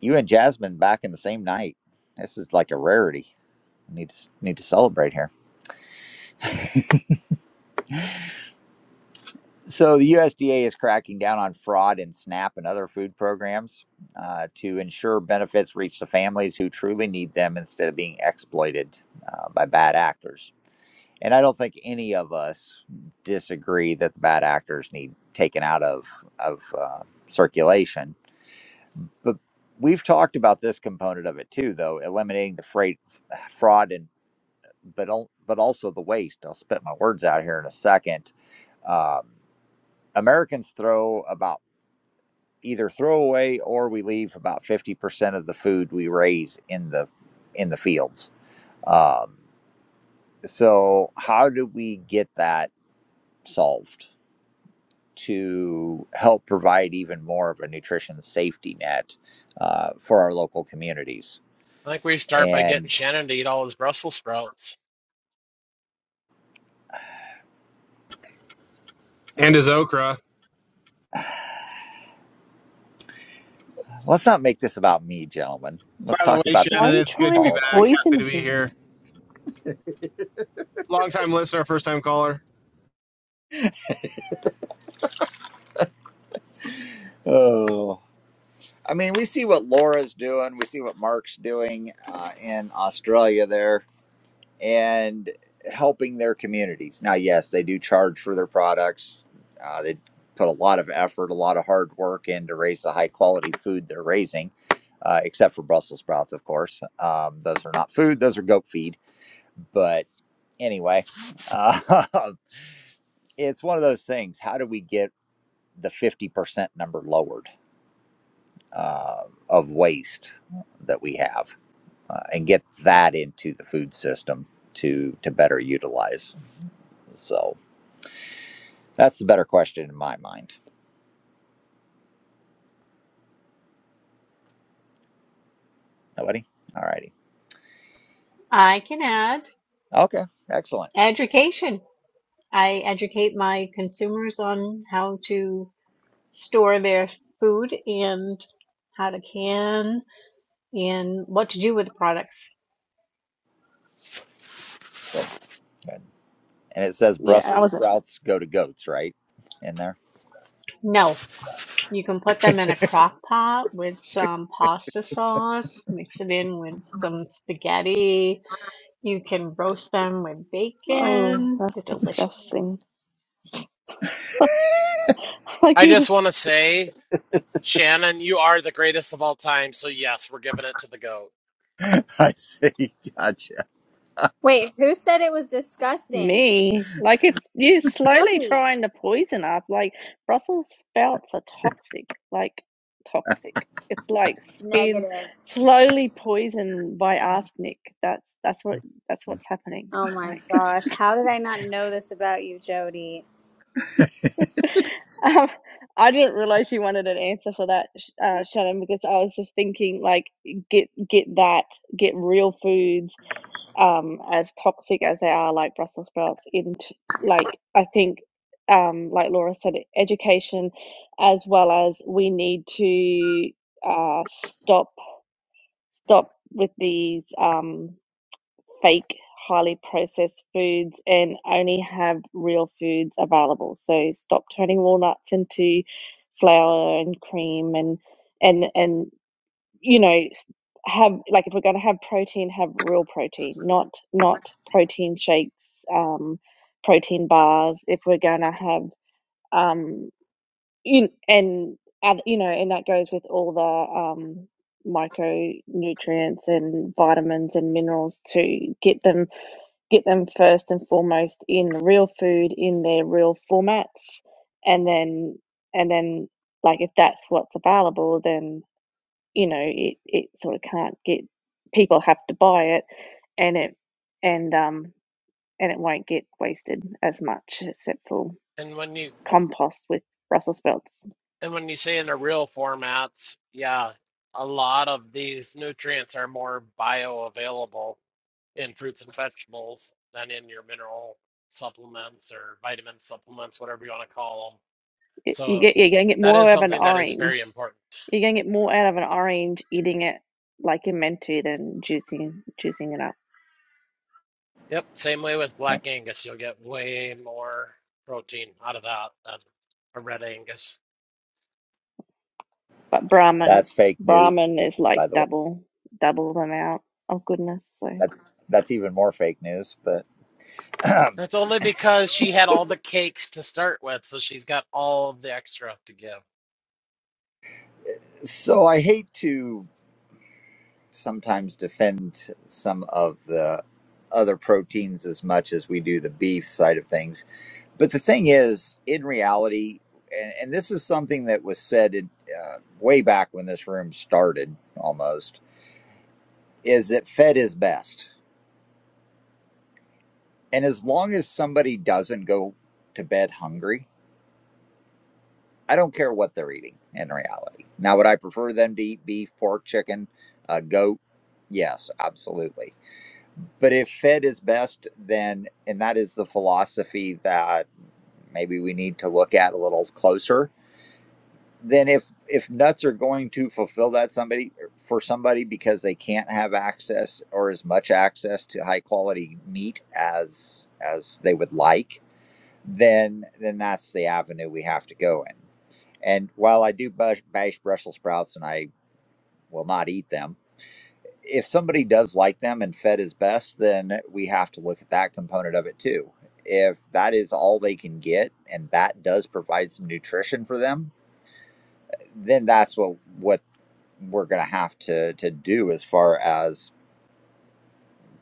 You and Jasmine back in the same night. This is like a rarity. We need to need to celebrate here. So the USDA is cracking down on fraud in SNAP and other food programs uh, to ensure benefits reach the families who truly need them instead of being exploited uh, by bad actors. And I don't think any of us disagree that the bad actors need taken out of of uh, circulation. But we've talked about this component of it too, though eliminating the freight fraud and but al- but also the waste. I'll spit my words out here in a second. Um, Americans throw about either throw away or we leave about 50% of the food we raise in the in the fields um, so how do we get that solved to help provide even more of a nutrition safety net uh, for our local communities
I think we start by getting
and
Shannon to eat all his Brussels sprouts.
And his okra.
let's not make this about me gentlemen let's
By the
talk
way,
about the
Why are
Shannon,
you
it's
national
good to
trying
be
to
back.
policy
Happy
poison
to be
him?
here. Long time listener, first time caller.
oh i mean we see what laura's doing we see what mark's doing uh, in australia there and helping their communities. Now, yes, they do charge for their products. Uh, they put a lot of effort, a lot of hard work in to raise the high quality food they're raising, uh, except for Brussels sprouts, of course. Um, those are not food, those are goat feed. But anyway, uh, it's one of those things. How do we get the 50% number lowered uh, of waste that we have uh, and get that into the food system to, to better utilize? So, That's the better question in my mind. Nobody? All righty.
I can add
Okay. Excellent.
education. I educate my consumers on how to store their food and how to can and what to do with the products.
Good. And it says
Yeah, I
Brussels
wasn't.
sprouts go to goats, right? In there?
No. You can put them in a crock pot with some pasta sauce, mix it in with some spaghetti. You can roast them with
Oh,
bacon.
that's
They're delicious.
disgusting. Like
I
you
just want to say, Shannon, you are the greatest of all time. So yes, we're giving it to the goat.
I see. Gotcha.
Wait, who said it was disgusting?
Me, like it's you're slowly
Jody.
trying to poison us. Like Brussels sprouts are toxic, like toxic. It's like being
Negative.
slowly poisoned by arsenic. That's that's what that's what's happening.
Oh my
Like
gosh. How did I not know this about you, Jody?
um, I didn't realize you wanted an answer for that, Sh- uh, Shannon, because I was just thinking like get get that, get real foods um, as toxic as they are, like Brussels sprouts, in t- like I think, um, like Laura said, education, as well as we need to uh, stop stop with these um, fake, highly processed foods and only have real foods available. So stop turning walnuts into flour and cream and and and you know have like if we're going to have protein have real protein not not protein shakes um protein bars if we're going to have um in, and other, you know and that goes with all the um micronutrients and vitamins and minerals to get them get them first and foremost in real food in their real formats and then and then like if that's what's available then you know it, it sort of can't get people have to buy it and it and um and it won't get wasted as much except for
And when you
compost with Brussels sprouts.
And when you say in the real formats, yeah, a lot of these nutrients are more bioavailable in fruits and vegetables than in your mineral supplements or vitamin supplements, whatever you want to call them.
Y- You
So
get you're gonna get
that
more
is
out of an
something that is very
orange.
important.
You're gonna get more out of an orange eating it like you're meant to than juicing juicing it up.
Yep, same way with
Yep.
black Angus, you'll get way more protein out of that than a red Angus.
But Brahman,
That's fake news,
Brahman is like
by the way.
double, double the amount of goodness. So
That's that's even more fake news. But
That's only because she had all the cakes to start with, so she's got all of the extra to give.
so I hate to sometimes defend some of the other proteins as much as we do the beef side of things. But the thing is, in reality, and, and this is something that was said in, uh, way back when this room started almost, is that fed is best. And as long as somebody doesn't go to bed hungry, I don't care what they're eating in reality. Now, would I prefer them to eat beef, pork, chicken, uh, goat? Yes, absolutely. But if fed is best, then, and that is the philosophy that maybe we need to look at a little closer then if if nuts are going to fulfill that somebody for somebody because they can't have access or as much access to high quality meat as as they would like then then that's the avenue we have to go in and while i do bash, bash brussels sprouts and i will not eat them if somebody does like them and fed is best then we have to look at that component of it too if that is all they can get and that does provide some nutrition for them then that's what what we're going to have to to do as far as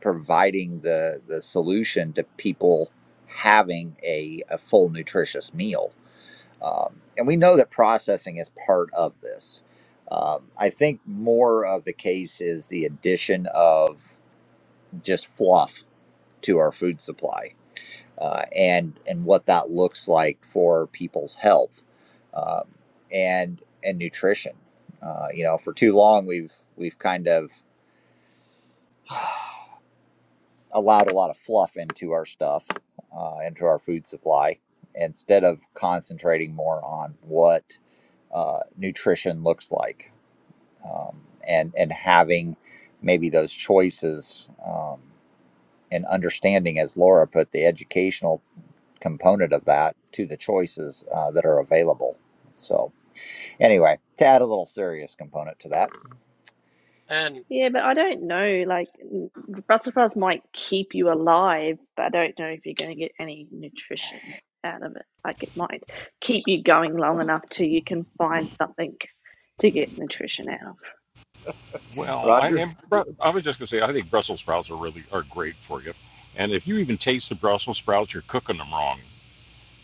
providing the the solution to people having a, a full nutritious meal um, and we know that processing is part of this um, i think more of the case is the addition of just fluff to our food supply uh, and and what that looks like for people's health um, and and nutrition uh, you know for too long we've we've kind of allowed a lot of fluff into our stuff, uh, into our food supply, instead of concentrating more on what uh, nutrition looks like, um, and and having maybe those choices um, and understanding, as Laura put, the educational component of that to the choices uh, that are available. So anyway, to add a little serious component to that,
And.
Yeah, but I don't know. Like, n- Brussels sprouts might keep you alive, but I don't know if you're going to get any nutrition out of it. Like, it might keep you going long enough till you can find something to get nutrition out of.
Well, I
Roger.
am. I was just gonna say, I think Brussels sprouts are really are great for you, and if you even taste the Brussels sprouts, you're cooking them wrong.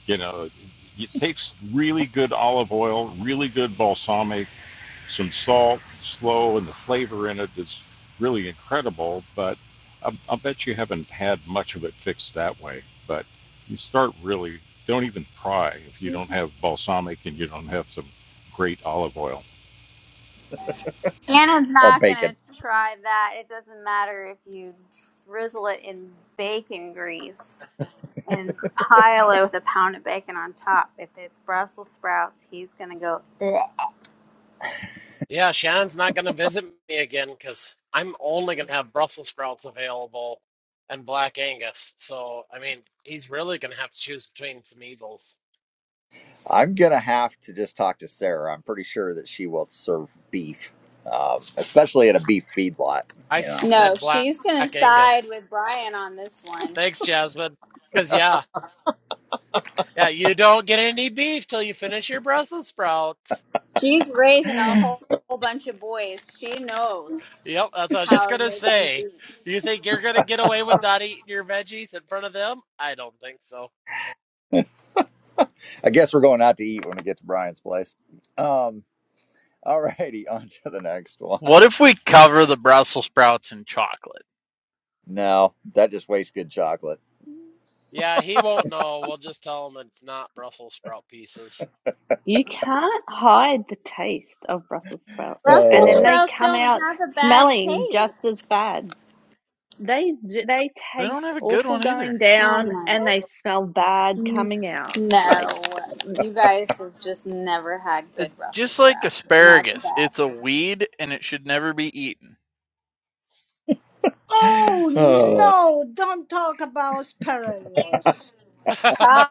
You know, it takes really good olive oil, really good balsamic, some salt, slow, and the flavor in it is really incredible. But I, I bet you haven't had much of it fixed that way. But you start really, don't even try if you don't have balsamic and you don't have some great olive oil.
Anna's
or
not going
bacon.
to try that. It doesn't matter if you drizzle it in bacon grease and pile it with a pound of bacon on top. If it's Brussels sprouts, he's going to go, Ugh.
Yeah, Shannon's not going to visit me again because I'm only going to have Brussels sprouts available and Black Angus. So, I mean, he's really going to have to choose between some evils.
I'm gonna have to just talk to Sarah. I'm pretty sure that she will serve beef, um, especially at a beef feedlot.
I
You know,
No,
said Black
she's going to side
Angus.
with Brian on this one.
Thanks, Jasmine. Because, yeah, yeah, you don't get any beef till you finish your Brussels sprouts.
She's raising a whole, whole bunch of boys. She knows
Yep, that's what I was just
how
going
to
to
make them
say.
eat.
You think you're going to get away with not eating your veggies in front of them? I don't think so.
I guess we're going out to eat when we get to Brian's place. Um, all righty, on to the next
What
one.
if we cover the Brussels sprouts in chocolate?
No, that just wastes good chocolate.
Yeah, he won't know. We'll just tell him it's not Brussels sprout pieces.
You can't hide the taste of Brussels sprouts, and
Brussels
then
Oh,
they
sprouts
come
don't
out
have a bad
smelling just as
taste.
bad. They they
They don't
taste
have a good
awful
one either.
going
Oh
down,
my.
and they smell bad
n-
coming out.
No.
Like mm,
You guys have just never had
It's
good Brussels
just like
sprouts, and that's
asparagus. It's a
bad.
weed and it should never be eaten.
Oh
oh.
no, don't talk about sparrows.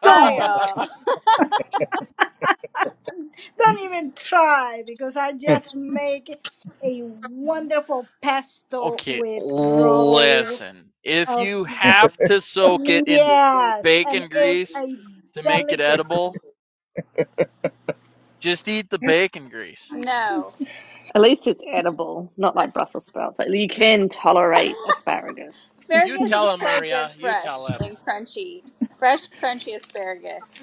Don't.
Kyle!
Don't even try because I just make a wonderful pesto
Okay,
with raw
listen. If
uh,
you have to soak it in
yes, and
bacon
it's
grease
a
to make it edible,
delicacy.
just eat the bacon grease.
No.
at least it's edible, not like
As-
Brussels sprouts. Like you can tolerate asparagus.
you
asparagus is
tell him,
so
Maria.
good
You tell
fresh
him.
and crunchy. Fresh, crunchy asparagus.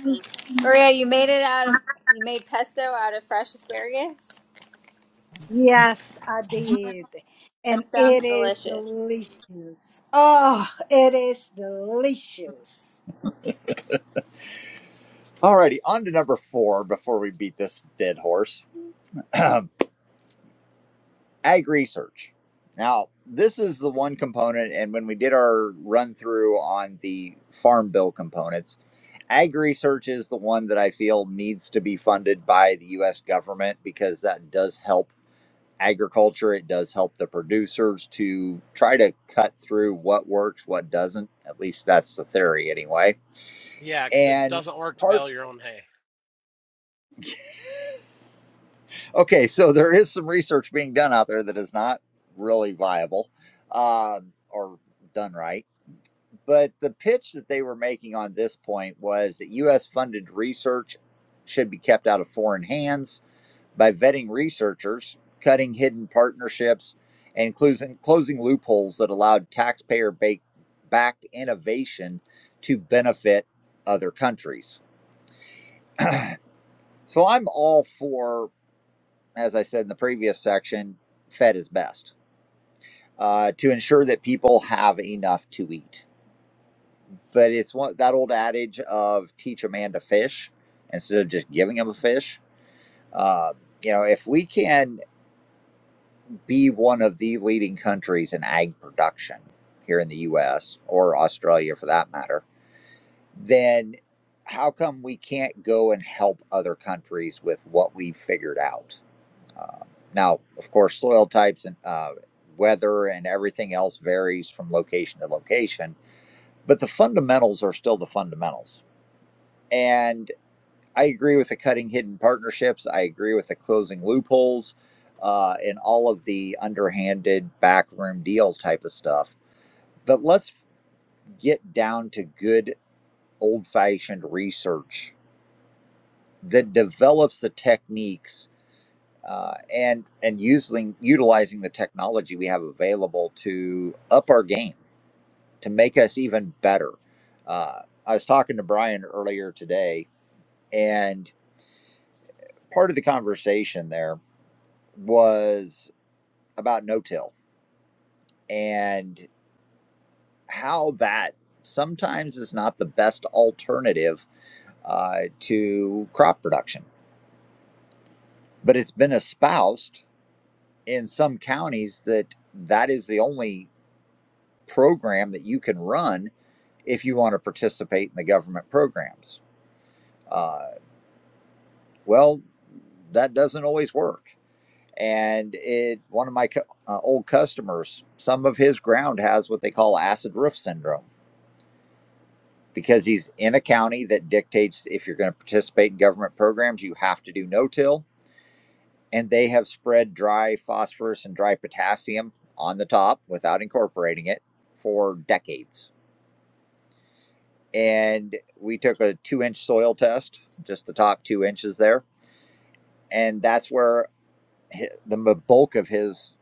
Maria, you made it out of, you made pesto out of fresh asparagus?
Yes, I did. And
That sounds
it is
delicious.
delicious. Oh, it is delicious.
All righty, on to number four before we beat this dead horse. Ag research. Now, this is the one component, and when we did our run through on the farm bill components Ag research is the one that I feel needs to be funded by the US government because that does help agriculture. It does help the producers to try to cut through what works, what doesn't. At least that's the theory, anyway.
Yeah, 'cause it
And
doesn't work to
part,
bale your own hay.
okay, so there is some research being done out there that is not really viable um, or done right. But the pitch that they were making on this point was that US funded research should be kept out of foreign hands by vetting researchers, cutting hidden partnerships, and closing, closing loopholes that allowed taxpayer backed innovation to benefit other countries. So I'm all for, as I said in the previous section, Fed is best uh, to ensure that people have enough to eat. But it's one, that old adage of teach a man to fish instead of just giving him a fish. Uh, you know, if we can be one of the leading countries in ag production here in the US or Australia for that matter, then how come we can't go and help other countries with what we figured out? Uh, now, of course, soil types and uh, weather and everything else varies from location to location, but the fundamentals are still the fundamentals. And I agree with the cutting hidden partnerships. I agree with the closing loopholes uh, and all of the underhanded backroom deal type of stuff. But let's get down to good old fashioned research that develops the techniques uh, and and using utilizing the technology we have available to up our game to make us even better. Uh, I was talking to Brian earlier today, and part of the conversation there was about no till and how that sometimes is not the best alternative uh, to crop production. But it's been espoused in some counties that that is the only program that you can run if you want to participate in the government programs. Uh, well, that doesn't always work. And it, one of my cu- uh, old customers, some of his ground has what they call acid roof syndrome because he's in a county that dictates if you're going to participate in government programs, you have to do no till. And they have spread dry phosphorus and dry potassium on the top without incorporating it for decades. And we took a two inch soil test, just the top two inches there. And that's where the bulk of his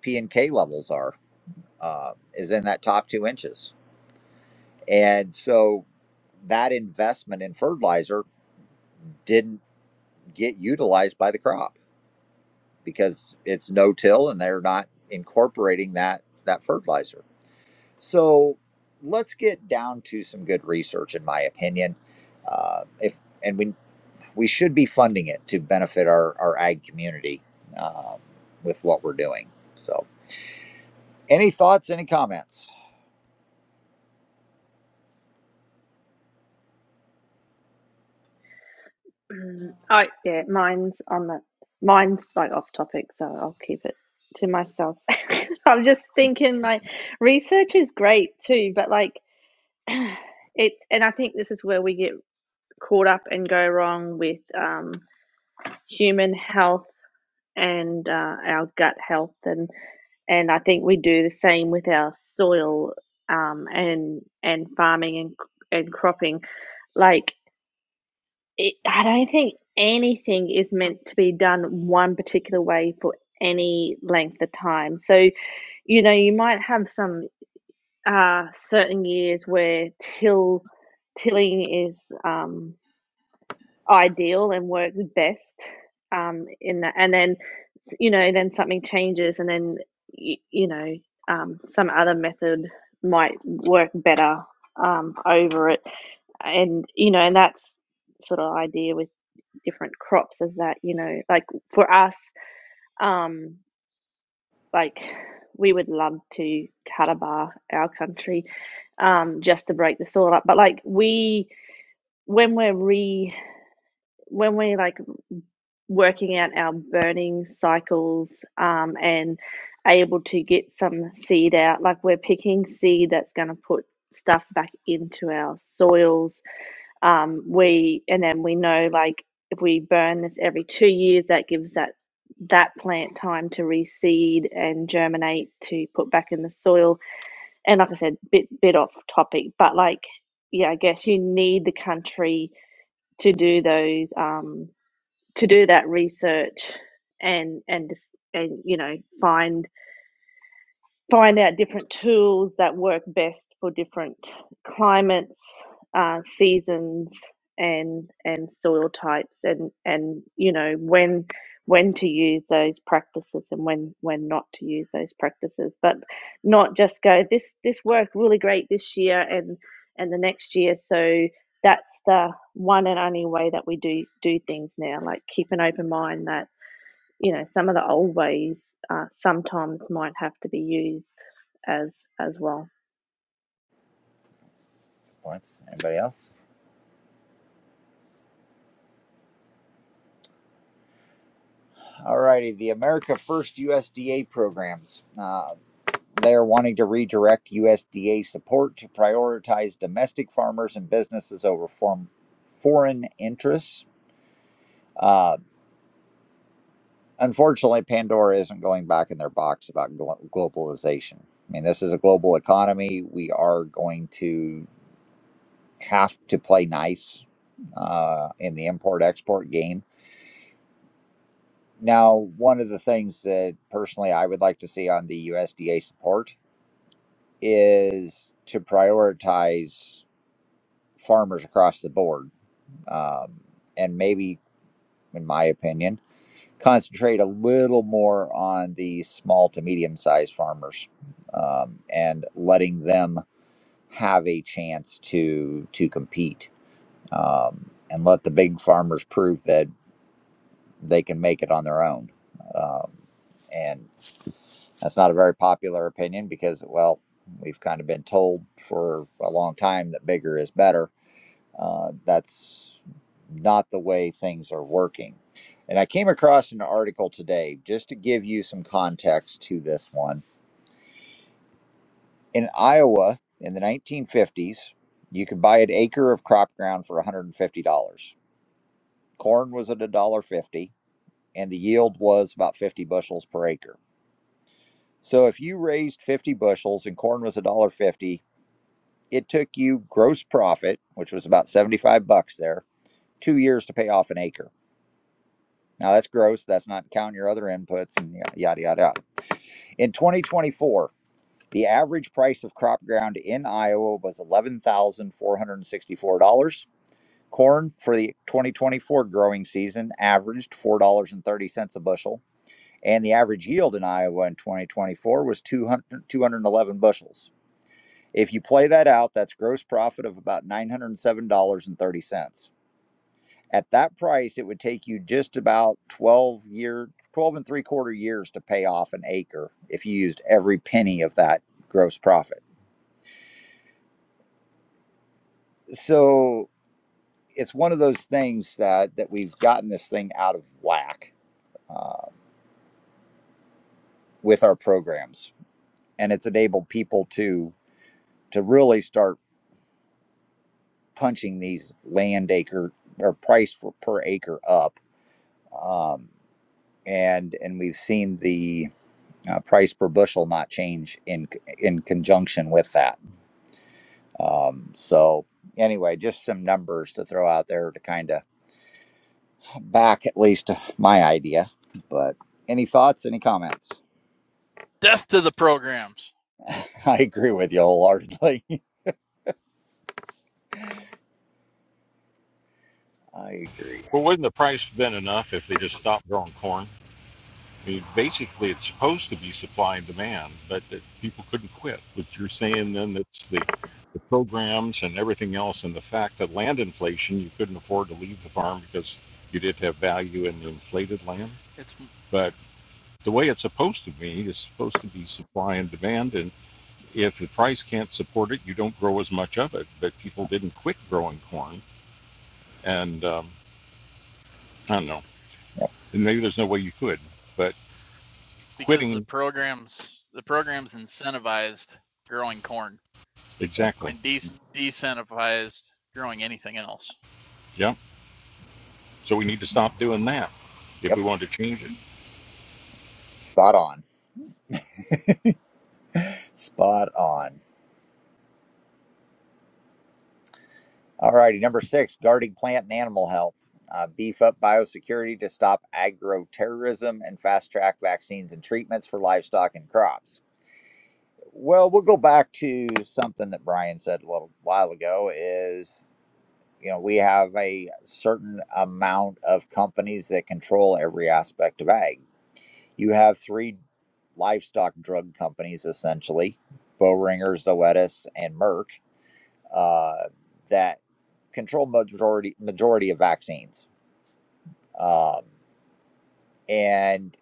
P and K levels are, uh, is in that top two inches. And so that investment in fertilizer didn't get utilized by the crop because it's no-till and they're not incorporating that that fertilizer. So let's get down to some good research, in my opinion. Uh, if and we we should be funding it to benefit our our ag community um, with what we're doing. So, any thoughts? Any comments?
Oh yeah, mine's on the mine's like off topic, so I'll keep it to myself. I'm just thinking like research is great too, but like it and I think this is where we get caught up and go wrong with um, human health and uh, our gut health and and I think we do the same with our soil um, and and farming and and cropping like it, I don't think anything is meant to be done one particular way for any length of time so you know you might have some uh, certain years where till tilling is um, ideal and works best um, in that. And then, you know, then something changes, and then, you, you know, um, some other method might work better um, over it. And, you know, and that's sort of idea with different crops is that, you know, like for us, um, like we would love to catabar our country um, just to break the soil up. But like we, when we're re, when we like working out our burning cycles um, and able to get some seed out. Like we're picking seed that's going to put stuff back into our soils. Um, we and then we know like if we burn this every two years, that gives that that plant time to reseed and germinate to put back in the soil. And like I said, bit bit off topic, but like yeah, I guess you need the country to do those. Um, to do that research and and and you know find find out different tools that work best for different climates, uh, seasons, and and soil types, and and you know when when to use those practices and when when not to use those practices, but not just go this this worked really great this year and and the next year so. That's the one and only way that we do do things now. Like keep an open mind that you know, some of the old ways uh, sometimes might have to be used as as well.
Points? Anybody else? All righty, the America First USDA programs. Uh, They're wanting to redirect USDA support to prioritize domestic farmers and businesses over form, foreign interests. Uh, unfortunately, Pandora isn't going back in their box about glo- globalization. I mean, this is a global economy. We are going to have to play nice uh, in the import export game. Now, one of the things that personally I would like to see on the USDA support is to prioritize farmers across the board um, and maybe, in my opinion, concentrate a little more on the small to medium sized farmers um, and letting them have a chance to to compete um, and let the big farmers prove that they can make it on their own. Um, and that's not a very popular opinion because, well, we've kind of been told for a long time that bigger is better Uh, that's not the way things are working. And I came across an article today just to give you some context to this one. In Iowa in the 1950s, you could buy an acre of crop ground for $150. Corn was at $1.50 and the yield was about 50 bushels per acre. So if you raised 50 bushels and corn was $1.50, it took you gross profit, which was about 75 bucks there, 2 years to pay off an acre. Now that's gross. That's not counting your other inputs and yada yada yada. In 2024, the average price of crop ground in Iowa was $11,464. Corn for the 2024 growing season averaged $4.30 a bushel, and the average yield in Iowa in 2024 was 200, 211 bushels. If you play that out, that's gross profit of about $907.30. At that price, it would take you just about 12 year, 12 and three quarter years to pay off an acre if you used every penny of that gross profit. So it's one of those things that that we've gotten this thing out of whack uh, with our programs, and it's enabled people to to really start punching these land acre or price for, per acre up. Um, and and we've seen the. uh, price per bushel not change in in conjunction with that. Um, so anyway, just some numbers to throw out there to kind of back at least my idea. But any thoughts? Any comments?
Death to the programs.
I agree with you wholeheartedly. I agree.
Well, wouldn't the price have been enough if they just stopped growing corn? I mean, basically, it's supposed to be supply and demand, but that people couldn't quit. But you're saying then that's the, the programs and everything else, and the fact that land inflation, you couldn't afford to leave the farm because you did have value in the inflated land.
It's,
But the way it's supposed to be is supposed to be supply and demand. And if the price can't support it, you don't grow as much of it. But people didn't quit growing corn. And um, I don't know. And maybe there's no way you could, but
it's because the
quitting,
programs the programs incentivized growing corn
exactly.
and de- decentivized growing anything else.
Yeah. So we need to stop doing that if
Yep,
we want to change it.
spot on. Spot on. All righty, number six: guarding plant and animal health. Uh, beef up biosecurity to stop agro terrorism and fast track vaccines and treatments for livestock and crops Well, we'll go back to something that Brian said a little while ago is, you know, we have a certain amount of companies that control every aspect of ag. You have three livestock drug companies, essentially, Boehringer, Zoetis, and Merck, uh, that control majority majority of vaccines. Um, and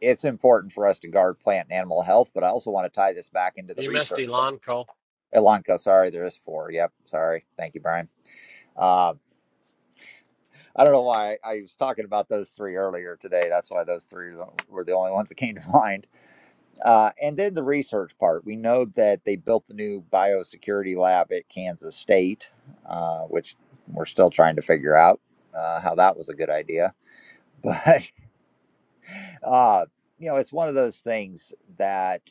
it's important for us to guard plant and animal health, but I also want to tie this back into the
You missed
research.
Elanco.
Elanco, sorry, there is four. Yep, sorry. Thank you, Brian. Um, I don't know why I, I was talking about those three earlier today. That's why those three were the only ones that came to mind. Uh, and then the research part. We know that they built the new biosecurity lab at Kansas State, uh, which we're still trying to figure out uh, how that was a good idea. But, uh, you know, it's one of those things that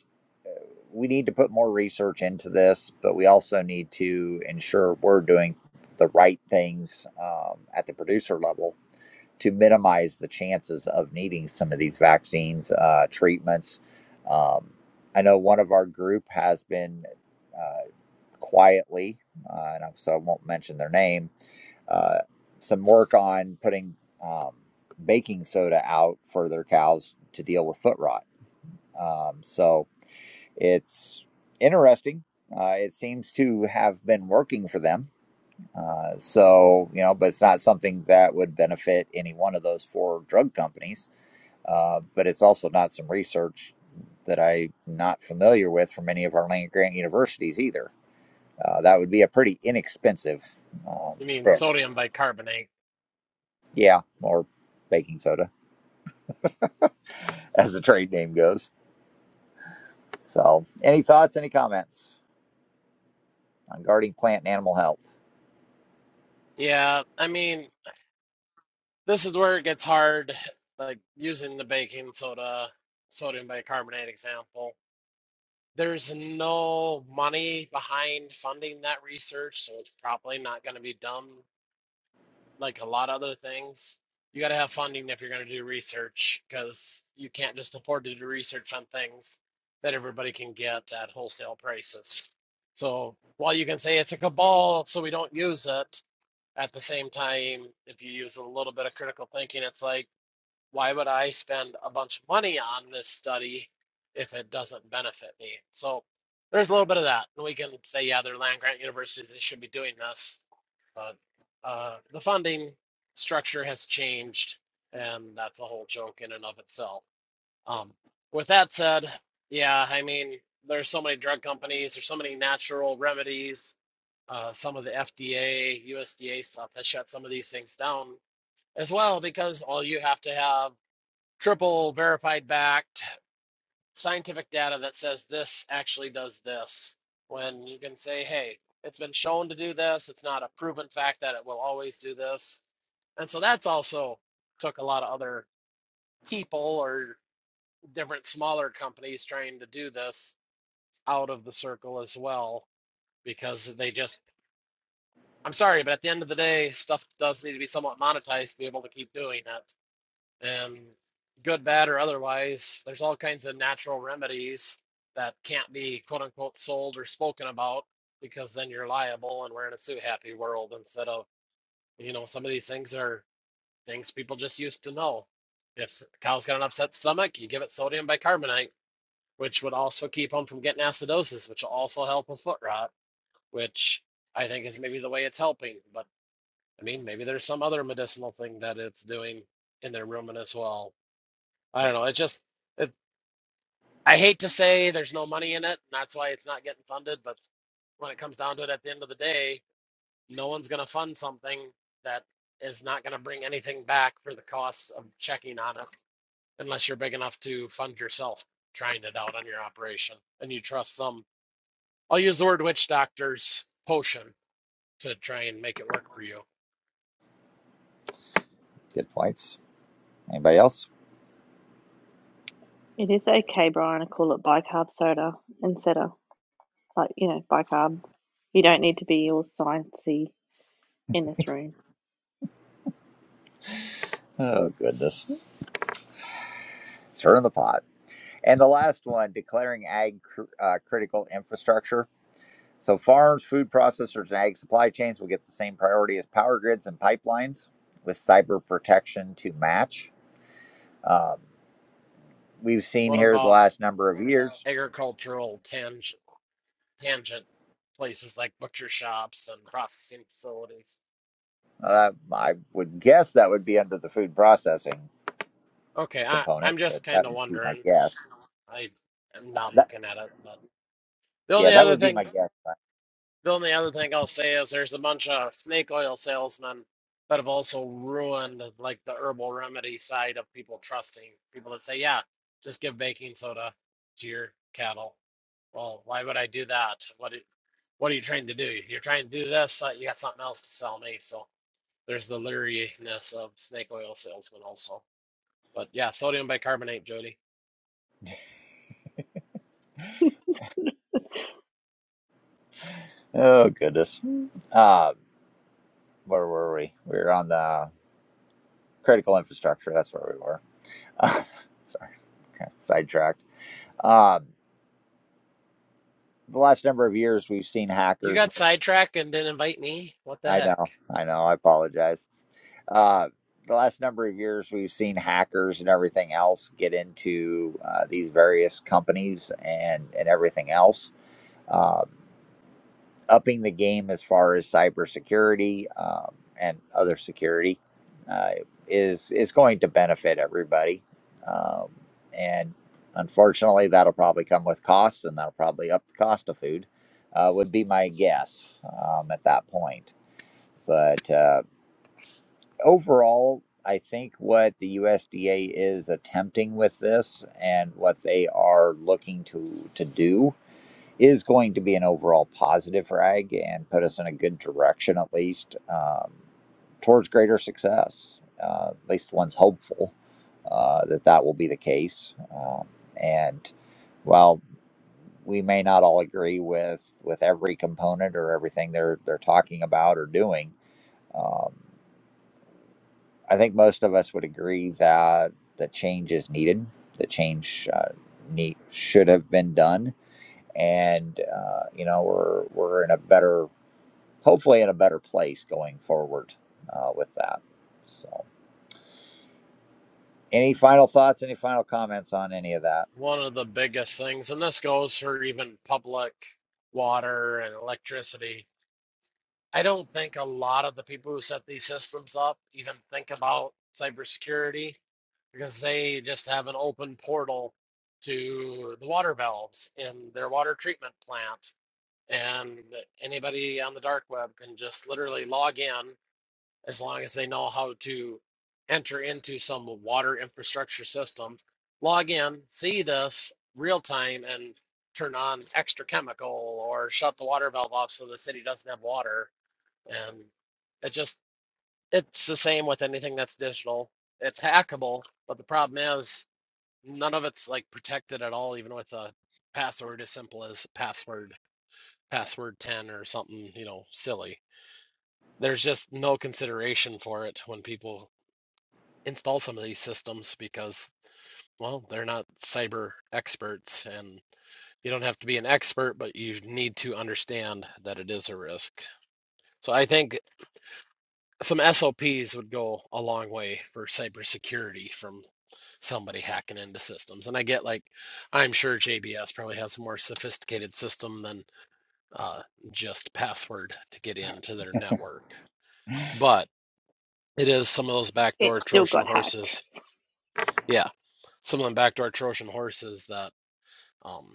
we need to put more research into this, but we also need to ensure we're doing the right things um, at the producer level to minimize the chances of needing some of these vaccines uh, treatments. Um, I know one of our group has been uh, quietly, uh, and so I won't mention their name, uh, some work on putting um, baking soda out for their cows to deal with foot rot. Um, so it's interesting. Uh, it seems to have been working for them. Uh, so, you know, but it's not something that would benefit any one of those four drug companies. Uh, but it's also not some research that I'm not familiar with from any of our land grant universities either. Uh, that would be a pretty inexpensive um,
You mean
pick.
sodium bicarbonate.
Yeah, or baking soda as the trade name goes. So, any thoughts, any comments on guarding plant and animal health?
Yeah, I mean, this is where it gets hard, like using the baking soda, sodium bicarbonate example. There's no money behind funding that research, so it's probably not going to be done like a lot of other things. You got to have funding if you're going to do research because you can't just afford to do research on things that everybody can get at wholesale prices. So while you can say it's a cabal, so we don't use it, at the same time, if you use a little bit of critical thinking, it's like, why would I spend a bunch of money on this study if it doesn't benefit me? So there's a little bit of that. And we can say, yeah, they're land grant universities, they should be doing this. But uh, the funding structure has changed, and that's a whole joke in and of itself. Um, with that said, yeah, I mean, there's so many drug companies, there's so many natural remedies. Uh, some of the FDA, USDA stuff that shut some of these things down as well, because all you have to have triple verified backed scientific data that says this actually does this when you can say hey it's been shown to do this it's not a proven fact that it will always do this and so that's also took a lot of other people or different smaller companies trying to do this out of the circle as well because they just i'm sorry but at the end of the day stuff does need to be somewhat monetized to be able to keep doing it And good, bad, or otherwise, there's all kinds of natural remedies that can't be quote unquote sold or spoken about because then you're liable and we're in a sue happy world instead of, you know, some of these things are things people just used to know. If s- a cow's got an upset stomach, you give it sodium bicarbonate, which would also keep them from getting acidosis, which will also help with foot rot, which I think is maybe the way it's helping. But I mean, maybe there's some other medicinal thing that it's doing in their rumen as well. I don't know. It just, it, I hate to say there's no money in it, and that's why it's not getting funded. But when it comes down to it, at the end of the day, no one's going to fund something that is not going to bring anything back for the costs of checking on it, unless you're big enough to fund yourself trying it out on your operation and you trust some. I'll use the word witch doctor's potion to try and make it work for you.
Good points. Anybody else?
It is okay, Brian, to call it bicarb soda instead of like you know, bicarb. You don't need to be all sciencey in this room.
Oh, goodness. Stir in the pot. And the last one declaring ag cr- uh, critical infrastructure. So, farms, food processors, and ag supply chains will get the same priority as power grids and pipelines with cyber protection to match. Um, we've seen
What
here the
about
last number of years.
agricultural tang tangent places like butcher shops and processing facilities?
Uh, I would guess that would be under the food processing
Okay, I, I'm
component,
just
but
kind
that
of
would be my
wondering.
guess.
I am not
That,
looking at it, but the
yeah,
only
that
other
would be my
thing,
guess.
the only other thing I'll say is there's a bunch of snake oil salesmen that have also ruined like the herbal remedy side of people trusting people that say, yeah, just give baking soda to your cattle. Well, why would I do that? What it, what are you trying to do? You're trying to do this. Uh, you got something else to sell me. So there's the leeriness of snake oil salesmen also. But yeah, sodium bicarbonate, Jody.
Oh, goodness. Uh, where were we? We were on the critical infrastructure. That's where we were. Uh, sorry, kind of sidetracked. Um, the last number of years, we've seen
You
hackers.
got sidetracked and didn't invite me? What the
I
heck?
know, I know. I apologize. Uh, the last number of years, we've seen hackers and everything else get into uh, these various companies and and everything else. Um, upping the game as far as cybersecurity um, and other security uh, is is going to benefit everybody, um, and unfortunately, that'll probably come with costs, and that'll probably up the cost of food. Uh, would be my guess um, at that point. But uh, overall, I think what the USDA is attempting with this and what they are looking to to do is going to be an overall positive for ag and put us in a good direction at least um, towards greater success. Uh, at least one's hopeful uh, that that will be the case. Um, and while we may not all agree with with every component or everything they're they're talking about or doing, um, I think most of us would agree that the change is needed. The change uh, need, should have been done and uh, you know we're we're in a better hopefully in a better place going forward uh, with that so any final thoughts any final comments on any of that
One of the biggest things, and this goes for even public water and electricity. I don't think a lot of the people who set these systems up even think about cybersecurity because they just have an open portal to the water valves in their water treatment plant. And anybody on the dark web can just literally log in as long as they know how to enter into some water infrastructure system, log in, see this real time, and turn on extra chemical or shut the water valve off so the city doesn't have water. And it just, it's the same with anything that's digital. It's hackable, but the problem is none of it's like protected at all, even with a password as simple as password, password 10 or something, you know, silly. There's just no consideration for it when people install some of these systems because well they're not cyber experts and you don't have to be an expert but you need to understand that it is a risk so i think some sops would go a long way for cybersecurity from somebody hacking into systems and i get like i'm sure jbs probably has a more sophisticated system than uh, just password to get into their network but it is some of those
It
backdoor
still
trojan
got hacked.
horses yeah some of them backdoor trojan horses that um,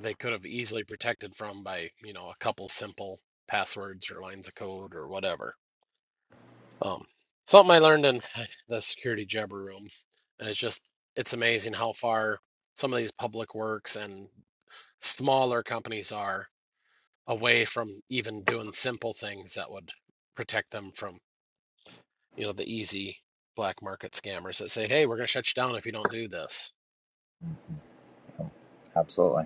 they could have easily protected from by you know a couple simple passwords or lines of code or whatever. Um, something I learned in the security jabber room, and it's just it's amazing how far some of these public works and smaller companies are away from even doing simple things that would protect them from you know the easy black market scammers that say, hey, we're going to shut you down if you don't do this.
absolutely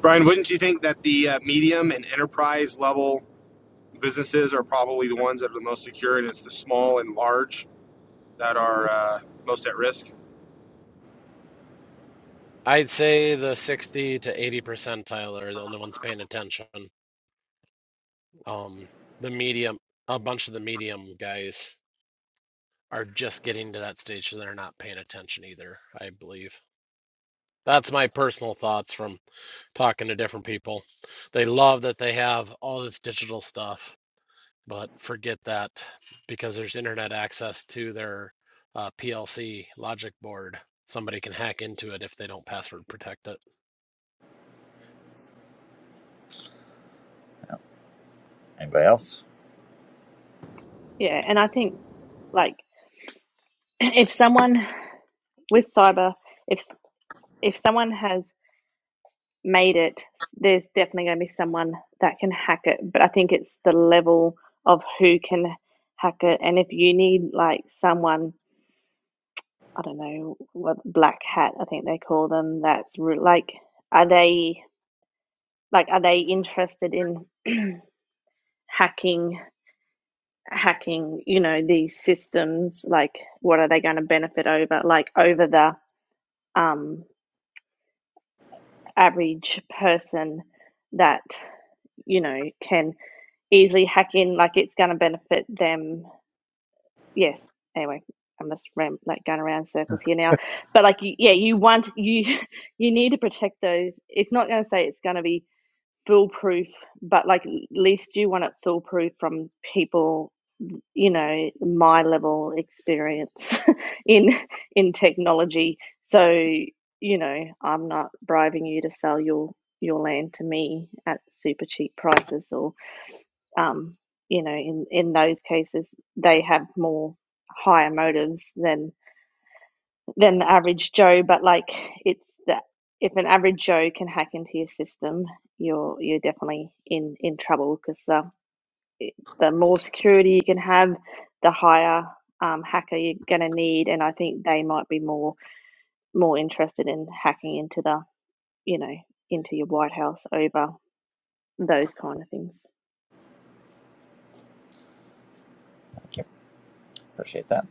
Brian, wouldn't you think that the uh, medium and enterprise level businesses are probably the ones that are the most secure, and it's the small and large that are uh, most at risk?
I'd say the 60 to 80 percentile are the only ones paying attention Um, the medium, a bunch of the medium guys are just getting to that stage, so they're not paying attention either, I believe. That's my personal thoughts from talking to different people. They love that they have all this digital stuff, but forget that because there's internet access to their uh, PLC logic board. Somebody can hack into it if they don't password protect it.
anybody else
Yeah, and I think like if someone with cyber, if if someone has made it, there's definitely going to be someone that can hack it. But I think it's the level of who can hack it, and if you need like someone I don't know what black hat I think they call them. That's re- like, are they like are they interested in hacking hacking? You know these systems. Like, what are they going to benefit over? Like over the um, average person that you know can easily hack in. Like, it's going to benefit them yes. Anyway, I must ram like going around in circles here now. But like, you, yeah, you want you you need to protect those. It's not going to say it's going to be foolproof, but like at least you want it foolproof from people you know my level experience in in technology so you know i'm not bribing you to sell your your land to me at super cheap prices or um you know in in those cases they have more higher motives than than the average joe but like it's that if an average joe can hack into your system you're you're definitely in in trouble because uh, the more security you can have, the higher um, hacker you're going to need. And I think they might be more more interested in hacking into the you know into your White House over those kind of things.
thank you appreciate that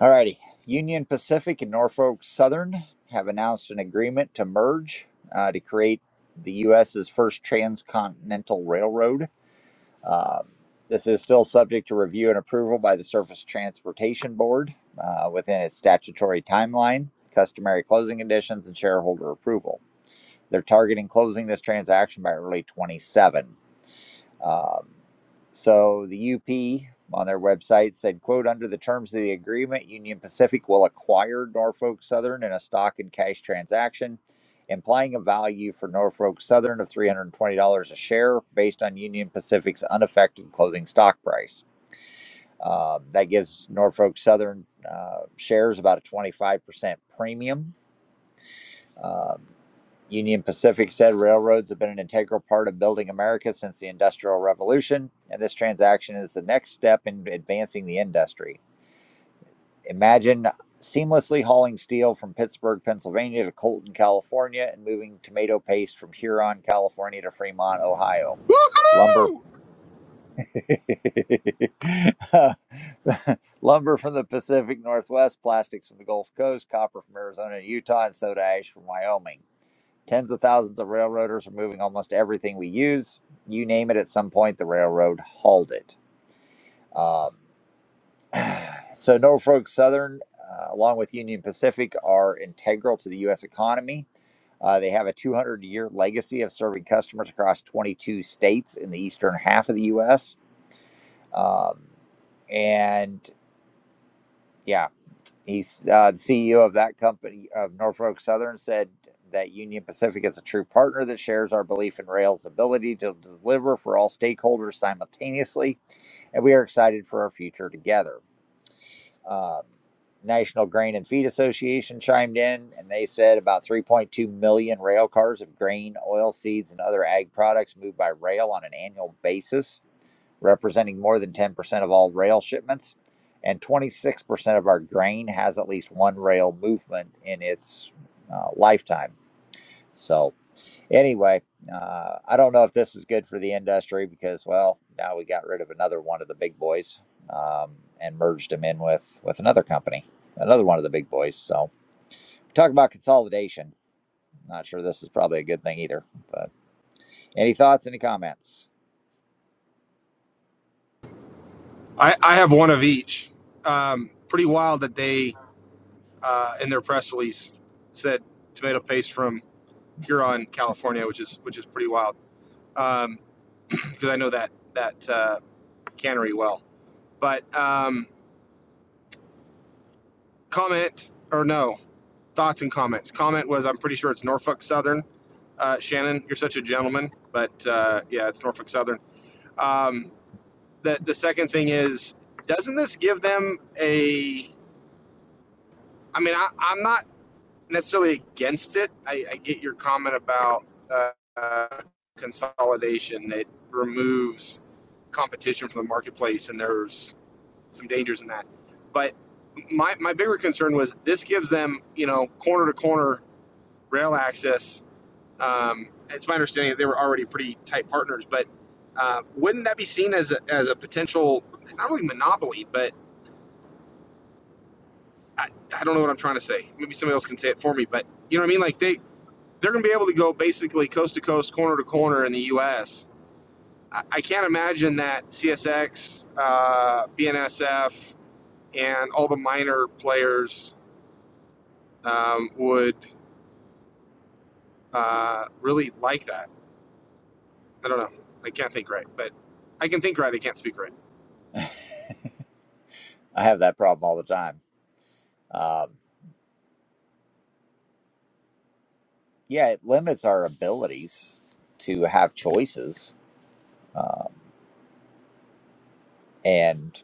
All righty. union pacific and norfolk southern have announced an agreement to merge uh, to create the us's first transcontinental railroad Um, this is still subject to review and approval by the Surface Transportation Board uh, within its statutory timeline, customary closing conditions, and shareholder approval. They're targeting closing this transaction by early 27. Um, so the UP on their website said, quote, under the terms of the agreement, Union Pacific will acquire Norfolk Southern in a stock and cash transaction, implying a value for Norfolk Southern of $320 a share based on Union Pacific's unaffected closing stock price. Um, that gives Norfolk Southern uh, shares about a 25% premium um, Union Pacific said railroads have been an integral part of building America since the Industrial Revolution, and this transaction is the next step in advancing the industry. Imagine seamlessly hauling steel from Pittsburgh, Pennsylvania to Colton, California, and moving tomato paste from Huron, California to Fremont, Ohio. Lumber.
Woohoo!
Lumber from the Pacific Northwest, plastics from the Gulf Coast, copper from Arizona and Utah, and soda ash from Wyoming. Tens of thousands of railroaders are moving almost everything we use. You name it, at some point, the railroad hauled it. Um, so, Norfolk Southern, uh, along with Union Pacific, are integral to the U.S. economy. Uh, they have a 200 year legacy of serving customers across 22 states in the eastern half of the U.S. Um, and yeah, He's uh, the CEO of that company of Norfolk Southern said that Union Pacific is a true partner that shares our belief in rail's ability to deliver for all stakeholders simultaneously, and we are excited for our future together. Um, National Grain and Feed Association chimed in, and they said about 3.2 million rail cars of grain, oil seeds, and other ag products moved by rail on an annual basis representing more than 10% of all rail shipments. And 26% of our grain has at least one rail movement in its uh, lifetime. So, anyway, uh, I don't know if this is good for the industry because, well, now we got rid of another one of the big boys um, and merged him in with, with another company, another one of the big boys. So, talk about consolidation. Not sure this is probably a good thing either. But any thoughts, any comments?
I, I have one of each. Um, pretty wild that they, uh, in their press release, said tomato paste from Huron, California, which is which is pretty wild because um, I know that that uh, cannery well. But um, comment or no thoughts and comments. Comment was I'm pretty sure it's Norfolk Southern. Uh, Shannon, you're such a gentleman, but uh, yeah, it's Norfolk Southern. Um, the the second thing is, doesn't this give them a? I mean, I, I'm not necessarily against it. I, I get your comment about uh, uh, consolidation. It removes competition from the marketplace, and there's some dangers in that. But my, my bigger concern was this gives them, you know, corner to corner rail access. Um, it's my understanding that they were already pretty tight partners, but uh, wouldn't that be seen as a, as a potential, not really monopoly, but I, I don't know what I'm trying to say. Maybe somebody else can say it for me, but you know what I mean? Like they, they're going to be able to go basically coast to coast, corner to corner in the U.S. I, I can't imagine that CSX, uh, BNSF, and all the minor players um, would uh, really like that. I don't know. I can't think right, but I can think right. I can't speak right.
I have that problem all the time. Um, yeah, it limits our abilities to have choices. Um, and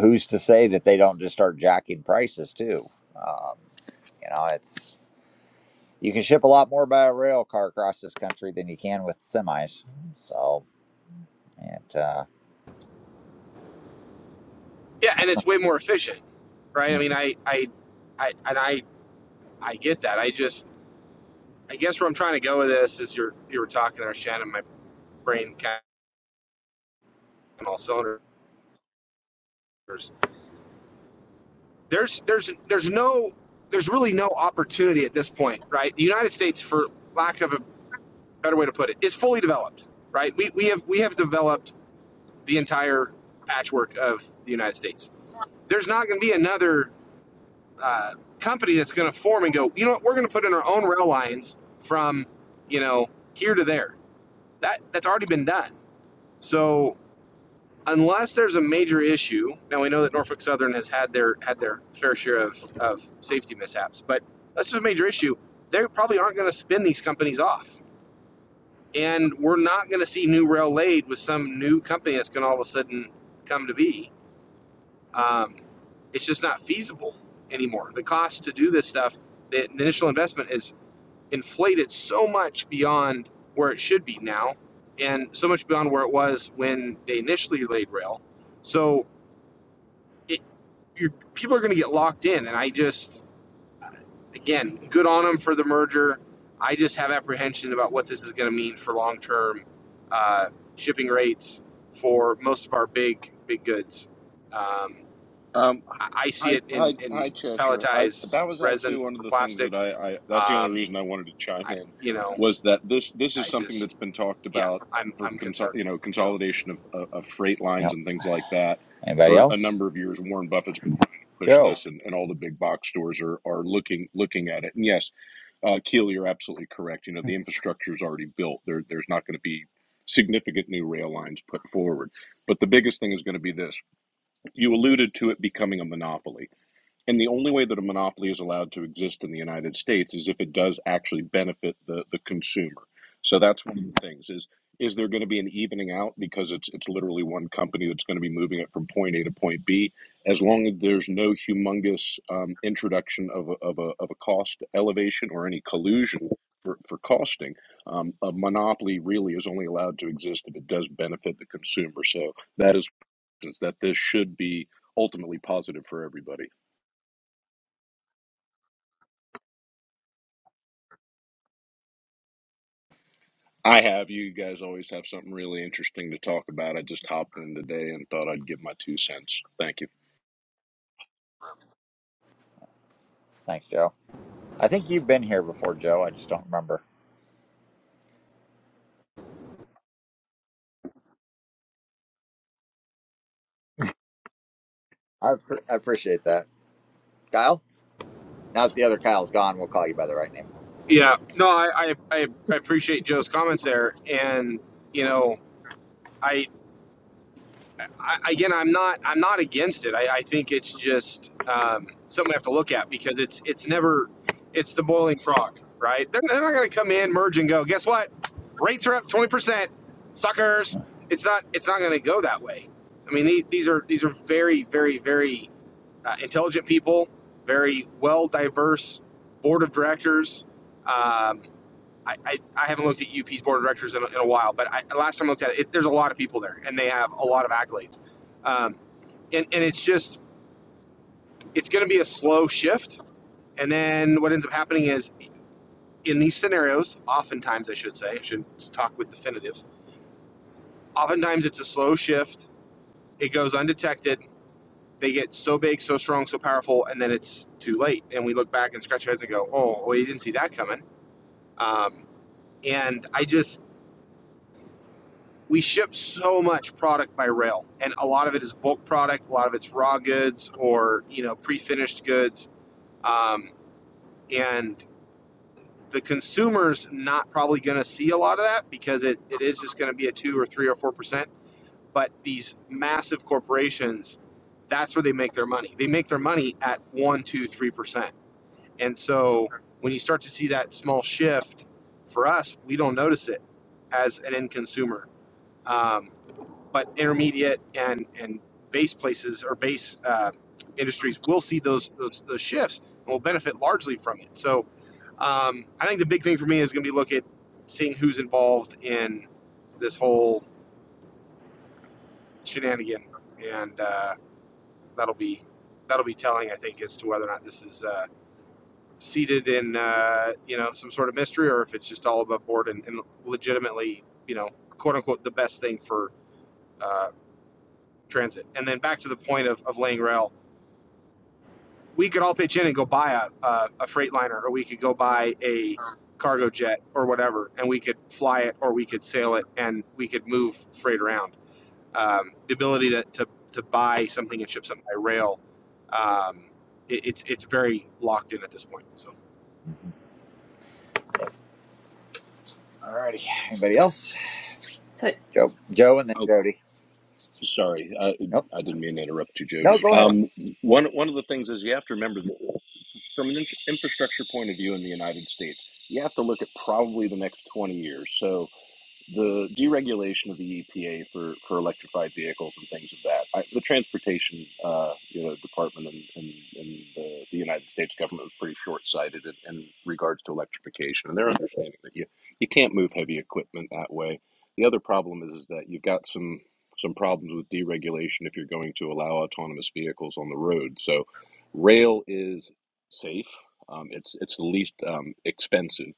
who's to say that they don't just start jacking prices too? Um, you know, it's you can ship a lot more by a rail car across this country than you can with semis. So, and uh,
Yeah, and it's way more efficient, right? I
hmm,
mean, I, I, I and I, I get that. I just, I guess where I'm trying to go with this is you're, you were talking there, Shannon. My brain kind of all cylinders. There's, there's, there's no, there's really no opportunity at this point, right? The United States, for lack of a better way to put it, is fully developed, right? We, we have, we have developed the entire patchwork of the United States there's not going to be another uh, company that's going to form and go, you know what, we're going to put in our own rail lines from, you know, here to there. That that's already been done. So unless there's a major issue, now we know that Norfolk Southern has had their had their fair share of, of safety mishaps, but that's a major issue. They probably aren't going to spin these companies off, and we're not going to see new rail laid with some new company that's going to all of a sudden come to be. Um, it's just not feasible anymore. The cost to do this stuff, the, the initial investment is inflated so much beyond where it should be now, and so much beyond where it was when they initially laid rail. So it, you people are going to get locked in, and I just again, good on them for the merger. I just have apprehension about what this is going to mean for long term uh, shipping rates for most of our big big goods. Um,
Um,
I, see
hi,
it
hi,
in, in
hi, Cheshire. I
pelletized
that was actually
resin
one of
for
the things that
plastic.
I, I that's the only
Um,
reason I wanted to chime
I,
in
you know,
was that this this is
I
something
just,
that's been talked
yeah,
about
I'm,
for
I'm
consol
concerned.
you know
So,
consolidation of, of of freight lines
yep.
and things like that
Anybody
for a
else?
number of years. Warren Buffett's been trying to push
Joe.
this, and, and all the big box stores are are looking looking at it. And yes, uh, Keel, you're absolutely correct. You know the infrastructure is already built. There, there's not going to be significant new rail lines put forward. But the biggest thing is going to be this you alluded to it becoming a monopoly. And the only way that a monopoly is allowed to exist in the United States is if it does actually benefit the, the consumer. So that's one of the things is is there going to be an evening out because it's it's literally one company that's going to be moving it from point A to point B as long as there's no humongous um, introduction of a, of, a, of a cost elevation or any collusion for, for costing um, a monopoly really is only allowed to exist if it does benefit the consumer so that is is that this should be ultimately positive for everybody. I have you guys always have something really interesting to talk about. I just hopped in today and thought I'd give my two cents. Thank you.
Thanks, Joe. I think you've been here before, Joe. I just don't remember. I, appre I appreciate that, Kyle. Now that the other Kyle's gone, we'll call you by the right name.
yeah, no, I, I I appreciate Joe's comments there. And, you know, I, I, again, I'm not I'm not against it. I, I think it's just um, something we have to look at because it's it's never it's the boiling frog, right? They're, they're not going to come in, merge, and go. Guess what? Rates are up twenty percent, suckers. It's not it's not going to go that way. I mean, these, these are these are very very very uh, intelligent people, very well diverse board of directors. Um, I, I, I haven't looked at UP's board of directors in a, in a while, but I, last time I looked at it, it, there's a lot of people there and they have a lot of accolades. Um, and, and it's just, it's going to be a slow shift. And then what ends up happening is in these scenarios, oftentimes, I should say, I shouldn't talk with definitives, oftentimes it's a slow shift. It goes undetected. They get so big, so strong, so powerful, and then it's too late. And we look back and scratch our heads and go, oh, well, you didn't see that coming. Um, and I just, we ship so much product by rail and a lot of it is bulk product a lot of it's raw goods or you know pre-finished goods um, and the consumer's not probably going to see a lot of that because it, it is just going to be a two or three or four percent but these massive corporations that's where they make their money they make their money at one two three percent and so when you start to see that small shift for us we don't notice it as an end consumer um, but intermediate and and base places or base uh, industries will see those, those those shifts and will benefit largely from it. So um, I think the big thing for me is going to be look at seeing who's involved in this whole shenanigan, and uh, that'll be that'll be telling I think as to whether or not this is uh, seated in uh, you know some sort of mystery or if it's just all above board and, and legitimately you know quote unquote the best thing for uh, transit. And then back to the point of, of laying rail we could all pitch in and go buy a, a, a freight or we could go buy a cargo jet or whatever and we could fly it or we could sail it and we could move freight around um, the ability to, to, to buy something and ship something by rail um, it, it's it's very locked in at this point so
Mhm. All righty. Anybody else?
So
Joe, Joe, and then
Oh,
Jody.
sorry, I,
Nope.
I didn't mean to interrupt you,
No,
Jody.
go ahead.
Um, one one of the things is you have to remember that from an in- infrastructure point of view in the United States, you have to look at probably the next 20 years. So the deregulation of the EPA for, for electrified vehicles and things of that. I, the transportation uh, you know, department and, and, and the, the United States government was pretty short sighted in, in regards to electrification, and they're understanding that you you can't move heavy equipment that way. The other problem is is that you've got some some problems with deregulation if you're going to allow autonomous vehicles on the road. So, rail is safe. Um, it's it's the least um, expensive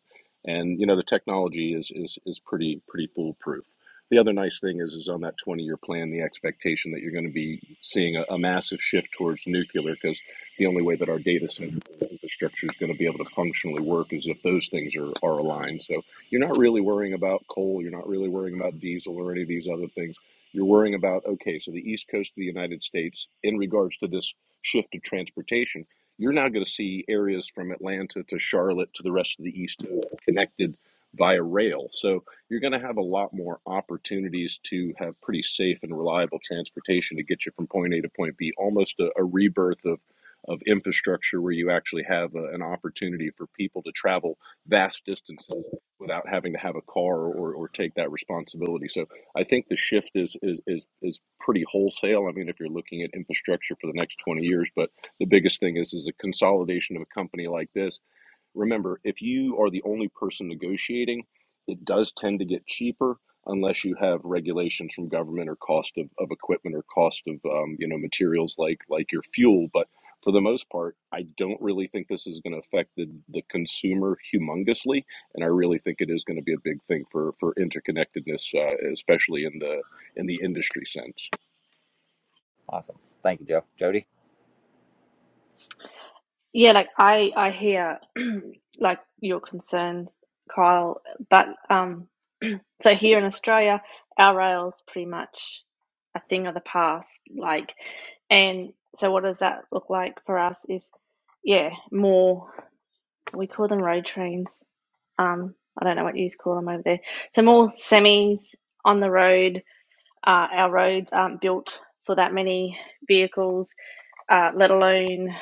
and you know the technology is is is pretty pretty foolproof. The other nice thing is is on that 20 year plan, the expectation that you're going to be seeing a, a massive shift towards nuclear because the only way that our data center infrastructure is going to be able to functionally work is if those things are, are aligned. So you're not really worrying about coal, you're not really worrying about diesel or any of these other things. You're worrying about okay, so the east coast of the United States in regards to this shift of transportation you're now going to see areas from Atlanta to Charlotte to the rest of the East connected via rail. So you're going to have a lot more opportunities to have pretty safe and reliable transportation to get you from point A to point B. Almost a, a rebirth of of infrastructure where you actually have a, an opportunity for people to travel vast distances without having to have a car or, or take that responsibility. So I think the shift is is is is pretty wholesale. I mean, if you're looking at infrastructure for the next 20 years, but the biggest thing is is a consolidation of a company like this remember if you are the only person negotiating it does tend to get cheaper unless you have regulations from government or cost of, of equipment or cost of um, you know materials like like your fuel but for the most part i don't really think this is going to affect the, the consumer humongously and i really think it is going to be a big thing for for interconnectedness uh, especially in the in the industry sense.
Awesome. Thank you, Joe. Jody,
yeah, like I I hear like your concerns, Kyle. But um, so here in Australia, our rail's pretty much a thing of the past. Like, and so what does that look like for us? Is yeah, more. we call them road trains. Um, I don't know what you call them over there. So more semis on the road. Uh, our roads aren't built for that many vehicles, uh, let alone.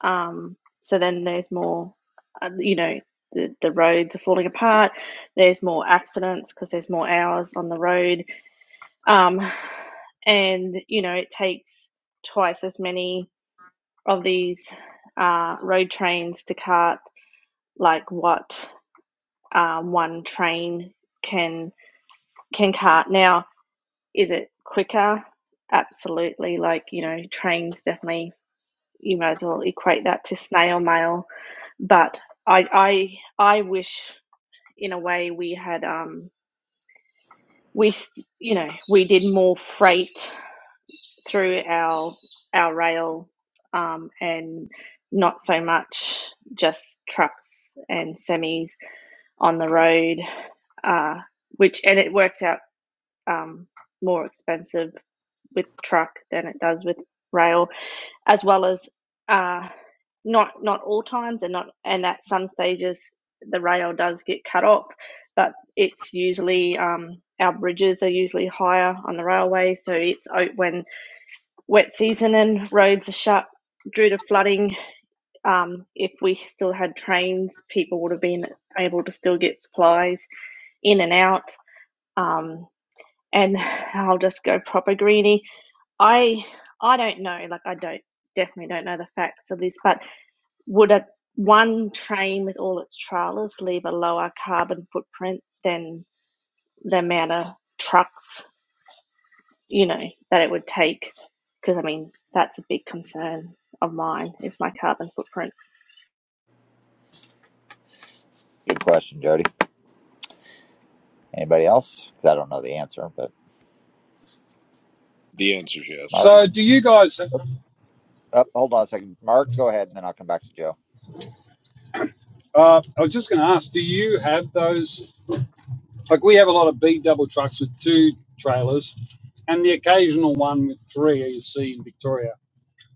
Um, so then there's more, uh, you know, the, the roads are falling apart. There's more accidents because there's more hours on the road. Um, and, you know, it takes twice as many of these uh, road trains to cart like what um, one train can can cart. Now, is it quicker? Absolutely. Like you know, trains definitely. You might as well equate that to snail mail. But I I I wish in a way we had um we you know we did more freight through our our rail um and not so much just trucks and semis on the road uh which and it works out um, more expensive with truck than it does with rail, as well as uh, not not all times and not and at some stages the rail does get cut off, but it's usually um, our bridges are usually higher on the railway, so it's out when wet season and roads are shut due to flooding. Um, if we still had trains, people would have been able to still get supplies in and out. Um, and I'll just go proper greeny I I don't know. Like I don't definitely don't know the facts of this, but would a one train with all its trailers leave a lower carbon footprint than the amount of trucks you know that it would take? Because I mean that's a big concern of mine is my carbon footprint.
good question, Jody. Anybody else? 'Cause I don't know the answer, but
The answer is yes.
Mark.
So, do you guys?
Up, hold on a second. Mark, go ahead, and then I'll come back to Joe.
Uh, I was just going to ask, do you have those Like we have a lot of B double trucks with two trailers, and the occasional one with three you see in Victoria.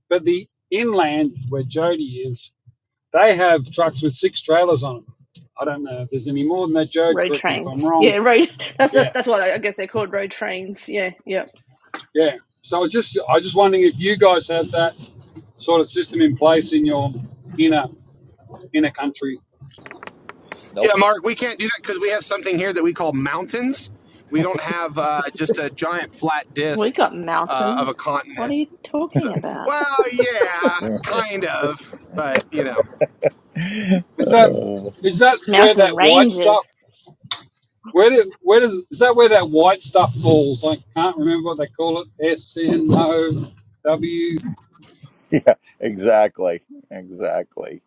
But the inland where Jody is, they have trucks with six trailers on them. I don't know if there's any more than that, Jode.
Road
Correct me if I'm
trains,
wrong.
yeah, road. That's that's,
Yeah,
that's what I guess they're called road trains. Yeah, yeah.
yeah. So it's just I was just wondering if you guys have that sort of system in place in your inner inner country.
yeah
Nope.
mark we can't do that because we have something here that we call mountains we don't have uh, just a giant flat
We
disk
got
uh, of a
mountains. What are
continent
you talking
so
about?
well yeah kind of but you know
Is that
Oh,
is that where
Mountain
that white stuff?
ranges
Where do, where does is that where that white stuff falls? I can't remember what they call it. S N O W.
yeah, exactly, exactly.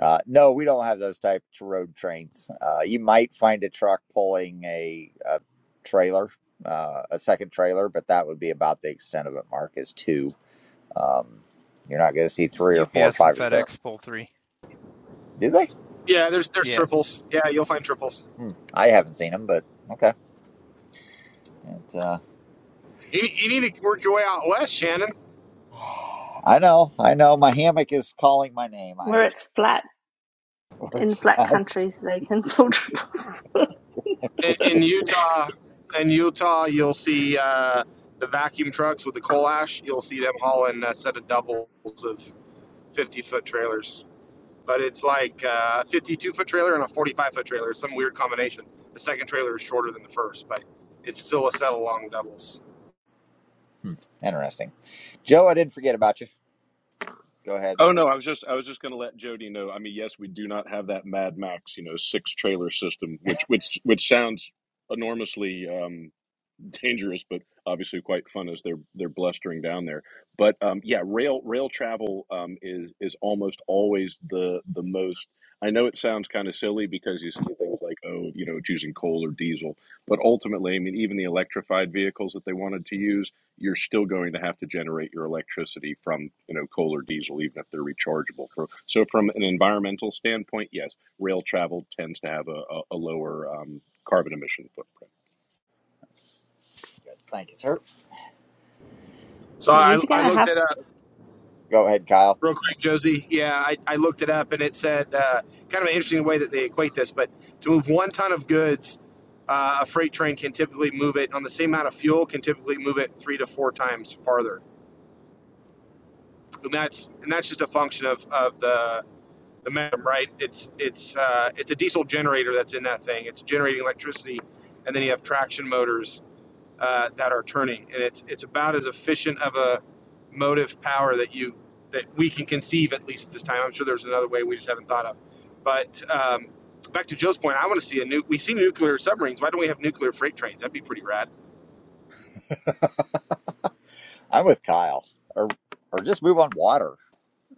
Uh, no, we don't have those types of road trains. Uh, you might find a truck pulling a, a trailer, uh, a second trailer, but that would be about the extent of it. Mark is two. Um, you're not going to see three or four, or
UPS and
five or six.
FedEx pull three.
Did they?
Yeah, there's there's
Yeah,
triples. Yeah, you'll find triples.
Hmm. I
Yep.
haven't seen them, but okay. It, uh,
You, you need to work your way out west, Shannon.
I know, I know. My hammock is calling my name. I
where
understand
it's flat
the words
in
for
flat
that.
countries they can pull triples.
In, in Utah, in Utah, you'll see uh, the vacuum trucks with the coal ash. You'll see them hauling a set of doubles of 50 foot trailers. But it's like uh, a 52 foot trailer and a 45 foot trailer. It's some weird combination. The second trailer is shorter than the first, but it's still a set of long doubles.
Hmm. Interesting. Joe, I didn't forget about you. Go ahead.
Oh no, I was just I was just going to let Jody know. I mean, yes, we do not have that Mad Max, you know, six trailer system, which which which sounds enormously. um, dangerous, but obviously quite fun as they're they're blustering down there. But um, yeah, rail rail travel um, is is almost always the the most. I know it sounds kind of silly because you see things like oh you know choosing coal or diesel, but ultimately I mean even the electrified vehicles that they wanted to use, you're still going to have to generate your electricity from you know coal or diesel even if they're rechargeable. For so from an environmental standpoint, yes, rail travel tends to have a, a, a lower um, carbon emission footprint.
Good. Thank you, sir.
So I,
yous are
I
gonna
looked
have,
at a,
Go ahead, Kyle.
Real quick, Josie. Yeah, I, I looked it up and it said uh, kind of an interesting way that they equate this, but to move one ton of goods, uh, a freight train can typically move it on the same amount of fuel, can typically move it three to four times farther. And that's and that's just a function of, of the the momentum, right? It's it's uh, it's a diesel generator that's in that thing. It's generating electricity, and then you have traction motors uh, that are turning, and it's it's about as efficient of a motive power that you that we can conceive at least at this time. I'm sure there's another way we just haven't thought of. But um, back to Joe's point, I want to see a new. We see nuclear submarines. Why don't we have nuclear freight trains? That'd be pretty rad.
I'm with Kyle. Or or just move on water.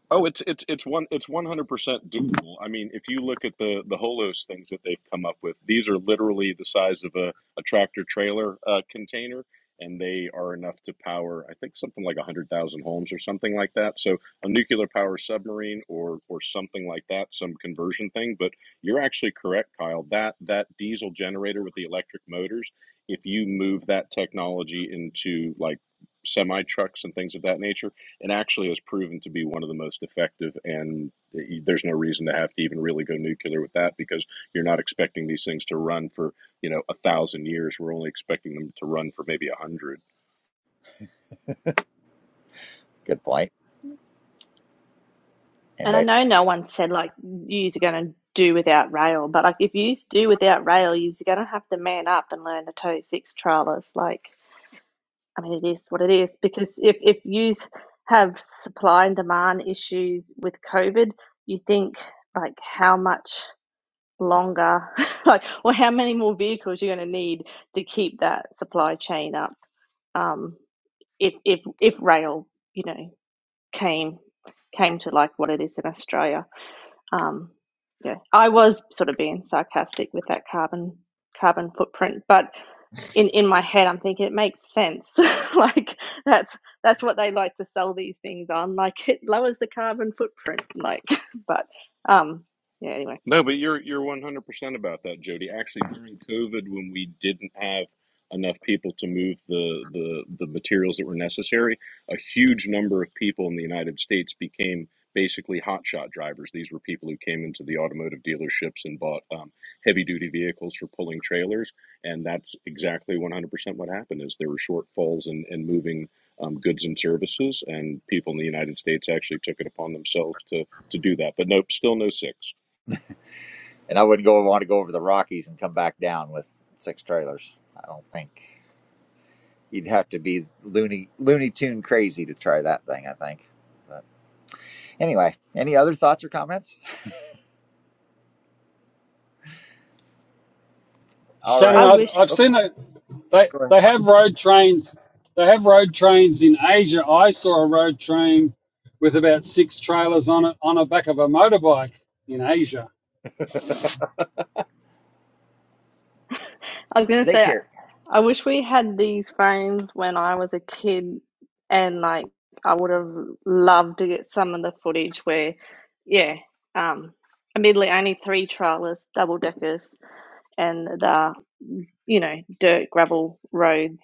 Oh, it's it's it's one it's one hundred percent doable. I mean, if you look at the the Holos things that they've come up with, these are literally the size of a, a tractor trailer uh, container, and they are enough to power I think something like a hundred thousand homes or something like that. So a nuclear power submarine or or something like that, some conversion thing. But you're actually correct, Kyle. That that diesel generator with the electric motors, if you move that technology into like semi trucks and things of that nature and actually has proven to be one of the most effective. And there's no reason to have to even really go nuclear with that because you're not expecting these things to run for you know a thousand years. We're only expecting them to run for maybe a hundred.
Good point.
and I
Anybody?
know no one said like yous are gonna do without rail, but like if yous do without rail, yous are gonna have to man up and learn to tow six trailers. Like I mean, it is what it is because if if yous have supply and demand issues with COVID, you think like how much longer, like or how many more vehicles you're gonna need to keep that supply chain up. Um, if if if rail, you know. came came to like what it is in Australia. Um, yeah, I was sort of being sarcastic with that carbon carbon footprint, but in in my head, I'm thinking it makes sense. like that's that's what they like to sell these things on. Like it lowers the carbon footprint. Like, but um, yeah. Anyway,
No, but you're you're 100% about that, Jody. Actually, during COVID, when we didn't have enough people to move the, the the materials that were necessary, a huge number of people in the United States became basically hotshot drivers. These were people who came into the automotive dealerships and bought um, heavy duty vehicles for pulling trailers, and that's exactly 100% what happened. Is there were shortfalls in, in moving um, goods and services, and people in the United States actually took it upon themselves to to do that. But nope, still no six.
And I wouldn't go want to go over the Rockies and come back down with six trailers. I don't think you'd have to be loony looney tune crazy to try that thing. I think. But Anyway, any other thoughts or comments? All
Shannon,
I
right.
I've,
wish
I've
Oh,
seen that they
go ahead,
they
Mark.
have road trains. They have road trains in Asia. I saw a road train with about six trailers on it on the back of a motorbike in Asia.
I was gonna
They
say, I
care.
I wish we had these phones when I was a kid, and like I would have loved to get some of the footage where, yeah, um, admittedly only three trailers, double deckers, and the you know dirt gravel roads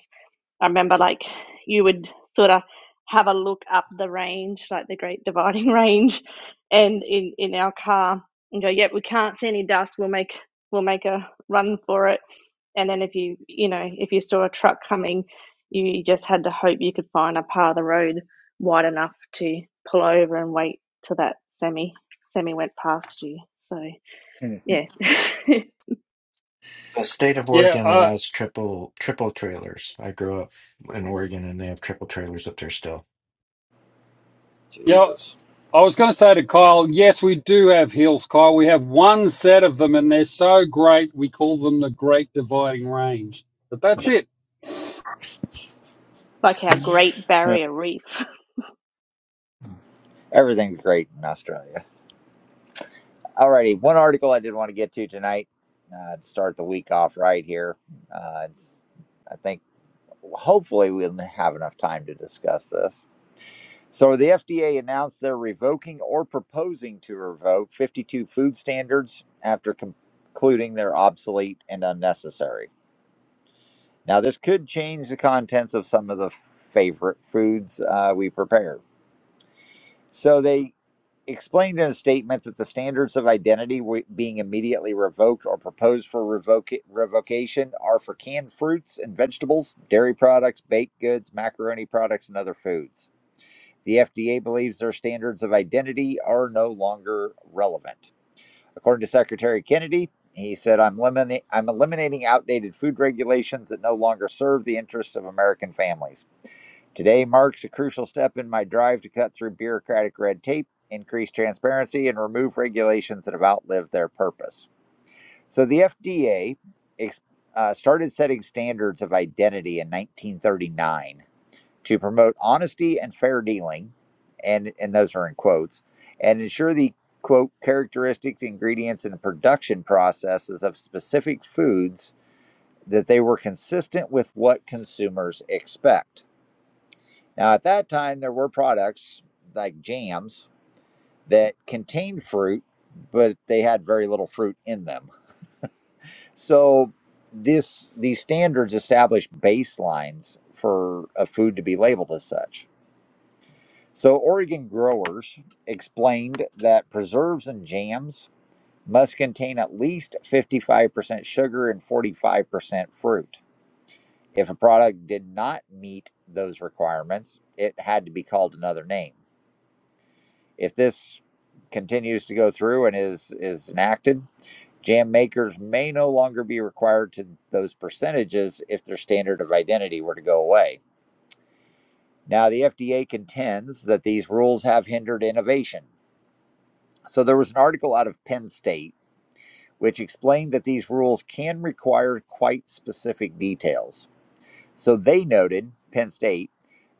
I remember like you would sort of have a look up the range, like the Great Dividing Range, and in in our car and go, "Yep, we can't see any dust. We'll make we'll make a run for it." And then if you you know if you saw a truck coming, you, just had to hope you could find a part of the road wide enough to pull over and wait till that semi semi went past you. So yeah,
Yeah, uh, yeah.
Jesus.
I was going to say to Kyle, yes, we do have hills, Kyle. We have one set of them, and they're so great. We call them the Great Dividing Range. But that's it.
like our Great Barrier Reef.
Everything's great in Australia. All righty. One article I did want to get to tonight uh, to start the week off right here. Uh, it's, I think hopefully we'll have enough time to discuss this. So, the FDA announced they're revoking or proposing to revoke 52 food standards after concluding they're obsolete and unnecessary. Now, this could change the contents of some of the favorite foods uh, we prepare. So, they explained in a statement that the standards of identity wi- being immediately revoked or proposed for revoca- revocation are for canned fruits and vegetables, dairy products, baked goods, macaroni products, and other foods. The FDA believes their standards of identity are no longer relevant. According to Secretary Kennedy, he said, I'm, elimina- I'm eliminating outdated food regulations that no longer serve the interests of American families. Today marks a crucial step in my drive to cut through bureaucratic red tape, increase transparency, and remove regulations that have outlived their purpose. So the FDA ex- uh, started setting standards of identity in 1939 to promote honesty and fair dealing, and and those are in quotes, and ensure the quote characteristics, ingredients, and production processes of specific foods that they were consistent with what consumers expect. Now, at that time, there were products like jams that contained fruit, but they had very little fruit in them. So this these standards established baselines for a food to be labeled as such So, Oregon growers explained that preserves and jams must contain at least 55% sugar and 45% fruit. If a product did not meet those requirements, it had to be called another name. If this continues to go through and is, is enacted, jam makers may no longer be required to those percentages if their standard of identity were to go away. Now, the FDA contends that these rules have hindered innovation So there was an article out of Penn State which explained that these rules can require quite specific details. So they noted, Penn State,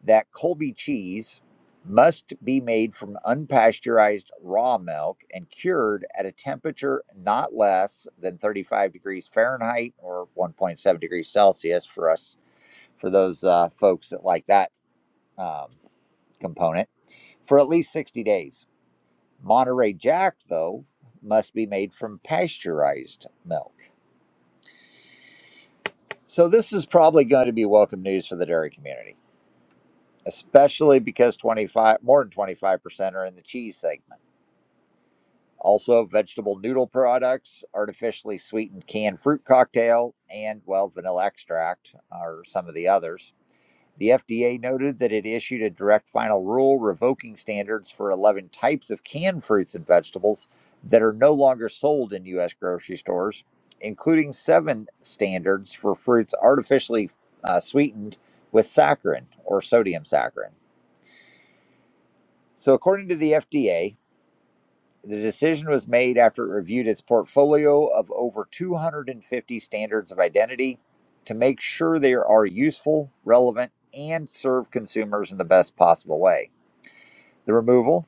that Colby cheese must be made from unpasteurized raw milk and cured at a temperature not less than 35 degrees Fahrenheit or 1.7 degrees Celsius for us, for those uh, folks that like that um, component, for at least 60 days. Monterey Jack, though, must be made from pasteurized milk. So this is probably going to be welcome news for the dairy community, especially because 25 more than 25% are in the cheese segment. Also, vegetable noodle products, artificially sweetened canned fruit cocktail, and well, vanilla extract are some of the others. The FDA noted that it issued a direct final rule revoking standards for 11 types of canned fruits and vegetables that are no longer sold in U.S. grocery stores, including seven standards for fruits artificially uh, sweetened with saccharin or sodium saccharin. So, according to the FDA, the decision was made after it reviewed its portfolio of over 250 standards of identity to make sure they are useful, relevant, and serve consumers in the best possible way. The removal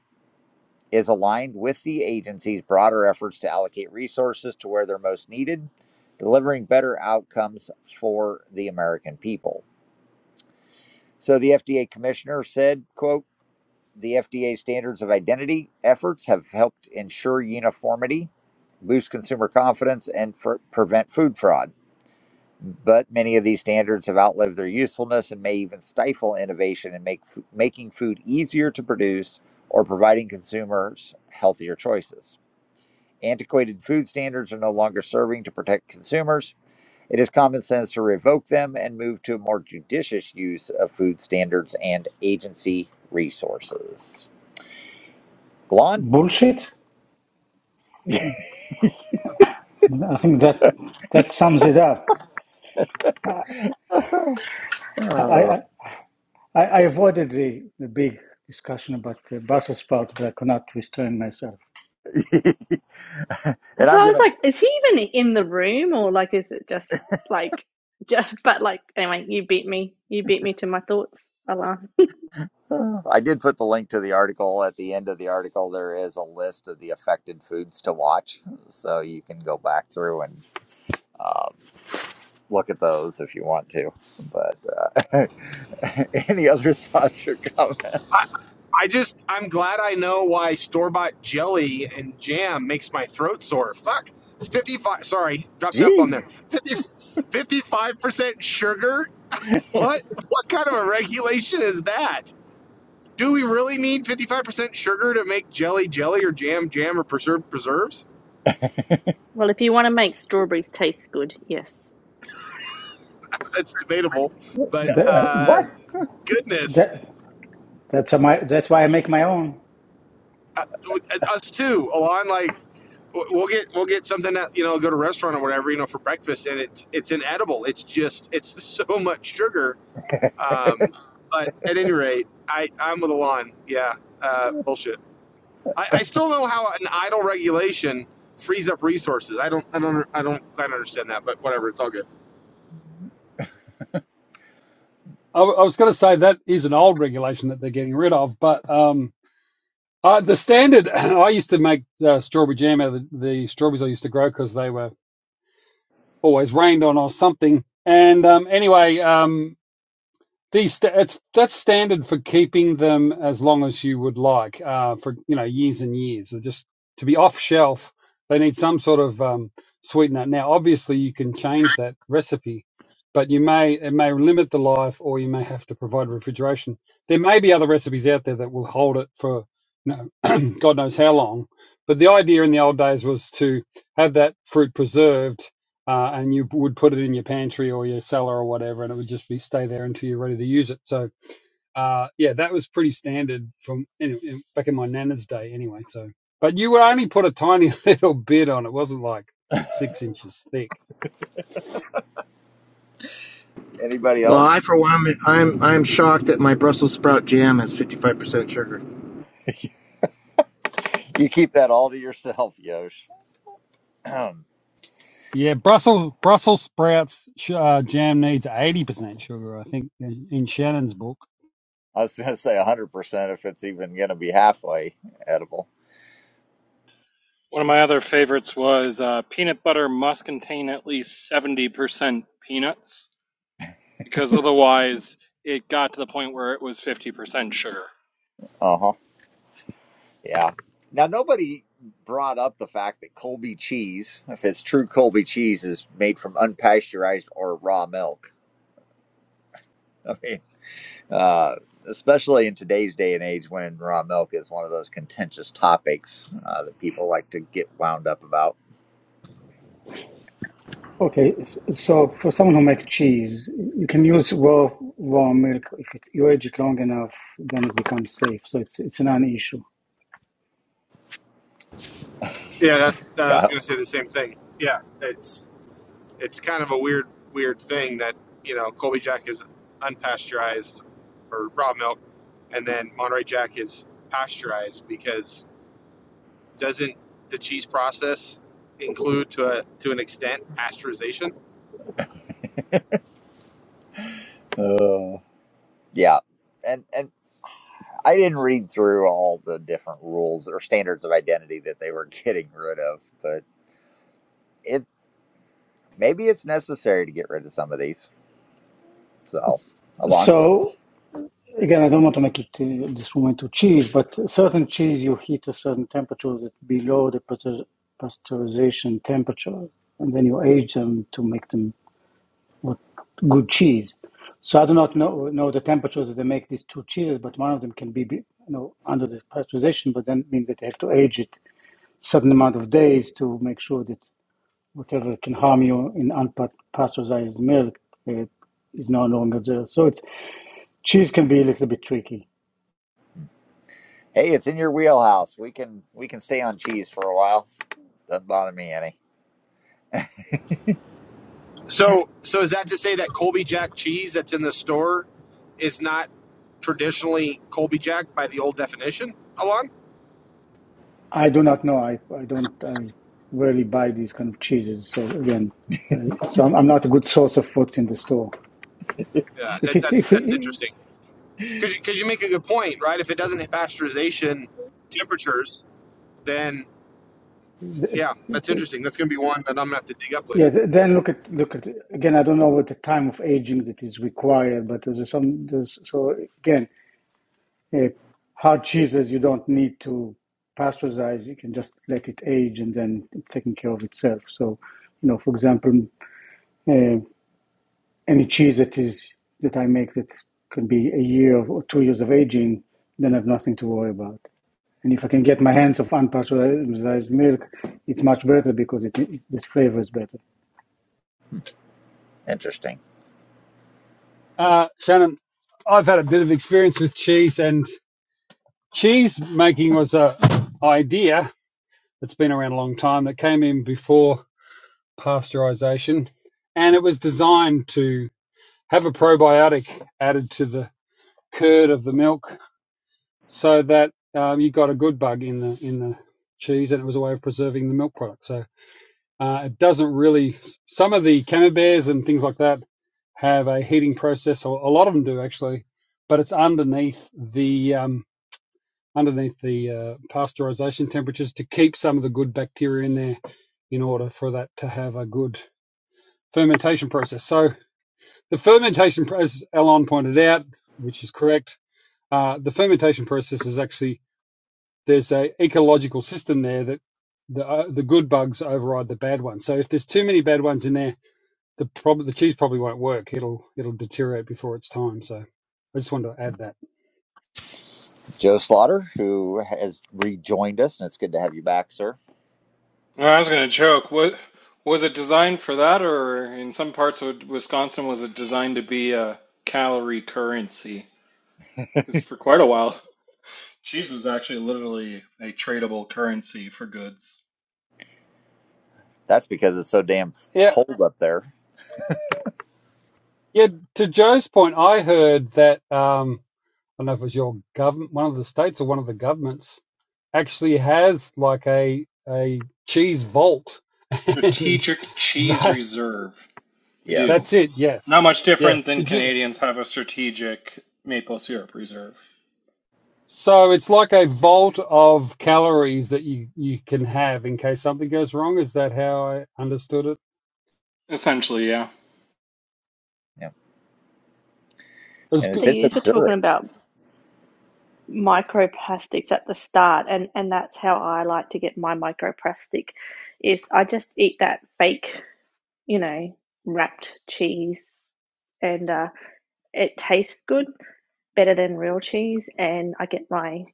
is aligned with the agency's broader efforts to allocate resources to where they're most needed, delivering better outcomes for the American people. So the FDA commissioner said, quote, The FDA standards of identity efforts have helped ensure uniformity, boost consumer confidence, and fr- prevent food fraud. But many of these standards have outlived their usefulness and may even stifle innovation in make, making food easier to produce or providing consumers healthier choices. Antiquated food standards are no longer serving to protect consumers. It is common sense to revoke them and move to a more judicious use of food standards and agency resources. Blonde?
Bullshit. I think that that sums it up. I
Oh.
I, I avoided the, the big discussion about the Brussels sprout, but I could not restrain myself.
And
and
so
I'm
I was
gonna.
like, is he even in the room or like is it just like just but like anyway, you beat me. You beat me to my thoughts, Alan.
I did put the link to the article at the end of the article. There is a list of the affected foods to watch, so you can go back through and um, look at those if you want to. But uh, any other thoughts or comments?
I I just I'm glad I know why store bought jelly and jam makes my throat sore. Fuck, it's 55. Sorry, dropped up on there.
Jeez,
50. 55% sugar? What? What kind of a regulation is that? Do we really need 55% sugar to make jelly jelly or jam jam or preserve preserves?
Well, if you want to make strawberries taste good, yes.
That's debatable, but
That
uh,
what?
goodness,
that that's a, my that's why I make my own.
uh, us too. Alon, like we'll get we'll get something that you know go to a restaurant or whatever you know for breakfast, and it's it's inedible. It's just it's so much sugar. Um, but at any rate, I I'm with Alon. Yeah, uh, bullshit. I, I still don't know how an idle regulation frees up resources. I don't I don't I don't quite understand that, but whatever. It's all good.
I, I was going to say that is an old regulation that they're getting rid of, but um, uh, the standard. I used to make uh, strawberry jam out of the, the strawberries I used to grow because they were always rained on or something. And um, anyway, um, these it's that's standard for keeping them as long as you would like, uh, for you know years and years. They're just to be off shelf, they need some sort of um, sweetener. Now, obviously, you can change that recipe, but you may it may limit the life, or you may have to provide refrigeration. There may be other recipes out there that will hold it for you know, God knows how long. But the idea in the old days was to have that fruit preserved uh, and you would put it in your pantry or your cellar or whatever, and it would just be stay there until you're ready to use it. So, uh, yeah, that was pretty standard from in, in, back in my nana's day, anyway. So, but you would only put a tiny little bit on; it wasn't like six inches thick.
Anybody
Well,
else?
I for one, I'm I'm I'm shocked that my Brussels sprout jam has 55% sugar.
You keep that all to yourself, Yosh. I
Yeah, Brussels Brussels sprouts sh- uh, jam needs eighty percent sugar, I think, in, in Shannon's book.
was gonna say 100% if it's even gonna be halfway edible.
One of my other favorites was uh, peanut butter must contain at least 70% peanuts because otherwise it got to the point where it was 50% sugar.
Uh huh. Yeah. Now, nobody brought up the fact that Colby cheese, if it's true Colby cheese, is made from unpasteurized or raw milk. I mean, uh, especially in today's day and age when raw milk is one of those contentious topics uh, that people like to get wound up about.
Okay, so for someone who makes cheese, you can use raw raw milk if it, you age it long enough, then it becomes safe. So it's it's a non-issue.
Yeah, that, that- I was going
Kyle.
to say the same thing. Yeah, it's it's kind of a weird weird thing that you know Colby Jack is unpasteurized or raw milk, and then Monterey Jack is pasteurized because doesn't the cheese process include to a to an extent pasteurization?
Uh, yeah. And, and I didn't read through all the different rules or standards of identity that they were getting rid of, but it maybe it's necessary to get rid of some of these. So, Alon.
So Again, I don't want to make it uh, this moment to cheese, but certain cheese you heat a certain temperature that below the pasteur- pasteurization temperature, and then you age them to make them what good cheese. So I do not know know the temperatures that they make these two cheeses, but one of them can be, be- you know under the pasteurization, but then means that they have to age it certain amount of days to make sure that whatever can harm you in unpasteurized milk uh, is no longer there. So it's cheese can be a little bit tricky.
Hey, it's in your wheelhouse. We can we can stay on cheese for a while. Doesn't bother me any.
So so is that to say that Colby Jack cheese that's in the store is not traditionally Colby Jack by the old definition, Alon?
I do not know. I, I don't. I rarely buy these kind of cheeses. So again, uh, so I'm, I'm not a good source of what's in the store.
Yeah,
If
that,
it's
that's
if
that's
it,
interesting. Because you, 'cause you make a good point, right? If it doesn't hit pasteurization temperatures, then yeah, that's interesting. That's going to be one that I'm going to have to dig up
yeah,
later.
then look at look at again. I don't know what the time of aging that is required, but there's some there's so again uh, hard cheeses you don't need to pasteurize. You can just let it age and then it's taking care of itself. So you know, for example. uh, any cheese that is that I make that could be a year or two years of aging, then I've nothing to worry about. And if I can get my hands of unpasteurized milk, it's much better because it, it the flavor is better.
Interesting.
Uh, Shannon, I've had a bit of experience with cheese, and cheese making was a idea that's been around a long time that came in before pasteurization, and it was designed to have a probiotic added to the curd of the milk so that um, you got a good bug in the in the cheese, and it was a way of preserving the milk product. So uh, it doesn't really. Some of the camemberts and things like that have a heating process, or a lot of them do actually, but it's underneath the um, underneath the uh, pasteurization temperatures to keep some of the good bacteria in there in order for that to have a good fermentation process. So The fermentation process, Alon pointed out, which is correct, uh, the fermentation process is actually there's a ecological system there that the uh, the good bugs override the bad ones. So if there's too many bad ones in there, the prob- the cheese probably won't work. It'll it'll deteriorate before its time. So I just wanted to add that.
Joe Slaughter, who has rejoined us, and it's good to have you back, sir.
Well, I was going to joke. What was it designed for that or in some parts of Wisconsin was it designed to be a calorie currency? Cuz for quite a while cheese was actually literally a tradable currency for goods.
That's because it's so damn
Yeah,
cold up there.
yeah. To Joe's point, I heard that um, I don't know if it was your government, one of the states or one of the governments actually has like a a cheese vault, and
Strategic cheese
they
reserve. We do.
That's
Yes.
it. Yes.
Not much different
Yes.
than
Could you?
Canadians have a strategic maple syrup reserve.
So it's like a vault of calories that you, you can have in case something goes wrong. Is that how I understood it?
Essentially, yeah.
Yeah.
It's
And
So
it's
good.
in
you were talking
Missouri.
about microplastics at the start and and that's how I like to get my microplastic is I just eat that fake, you know, wrapped cheese and uh it tastes good better than real cheese and I get my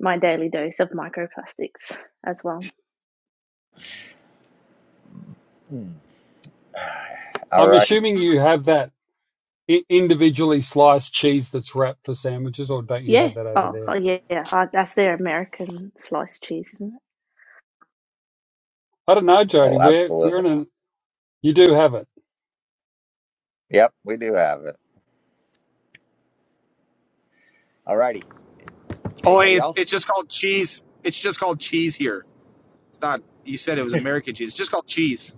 my daily dose of microplastics as well.
Hmm. All
I'm
right.
assuming you have that i- individually sliced cheese that's wrapped for sandwiches, or don't you
Yeah.
have that over
Oh, oh
there?
yeah. yeah. Uh, that's their American sliced cheese, isn't it?
I don't know, Jody.
Oh,
We're we're
absolutely.
in a you do have it.
Yep, we do have it. All righty.
Oh, hey,
Anybody
it's it's just
else?
called cheese. It's just called cheese here. It's not. You said it was American cheese. It's just called cheese.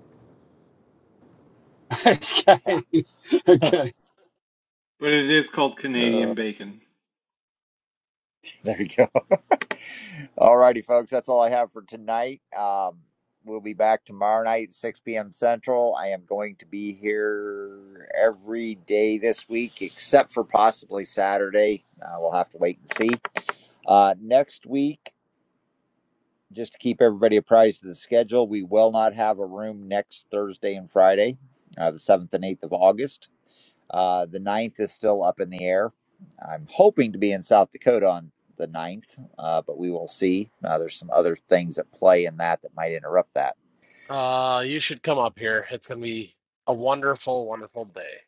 Yeah.
okay. Okay.
But it is called
Uh,
Canadian bacon.
There you go. All righty, folks. That's all I have for tonight. Um, we'll be back tomorrow night, 6 p.m. Central. I am going to be here every day this week, except for possibly Saturday. Uh, we'll have to wait and see. Uh, next week, just to keep everybody apprised of the schedule, we will not have a room next Thursday and Friday, uh, the 7th and 8th of August. Uh, the ninth is still up in the air. I'm hoping to be in South Dakota on the ninth, uh, but we will see. Uh, there's some other things at play in that that might interrupt that.
Uh, you should come up here. It's gonna be a wonderful, wonderful day.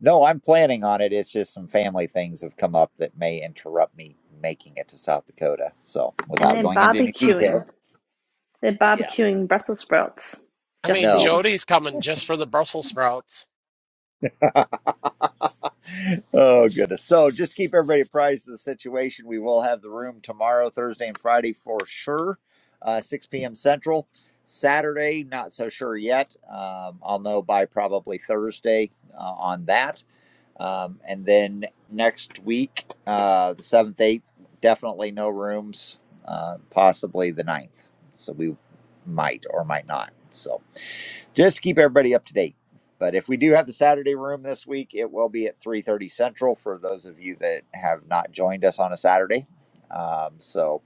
No, I'm planning on it. It's just some family things have come up that may interrupt me making it to South Dakota. So,
And
without
then
going into any
barbecuing.
details,
They're
yeah,
barbecuing Brussels sprouts
I
just
mean,
for you.
no.
Jody's coming just for the Brussels sprouts.
Oh goodness. So just keep everybody apprised of the situation. We will have the room tomorrow, Thursday and Friday for sure. Uh, 6 p.m. Central. Saturday, not so sure yet. Um, I'll know by probably Thursday uh, on that. Um, and then next week, uh, the 7th, 8th, definitely no rooms, uh, possibly the ninth, So we might or might not. So just to keep everybody up to date. But if we do have the Saturday room this week, it will be at 3:30 Central for those of you that have not joined us on a Saturday. Um, so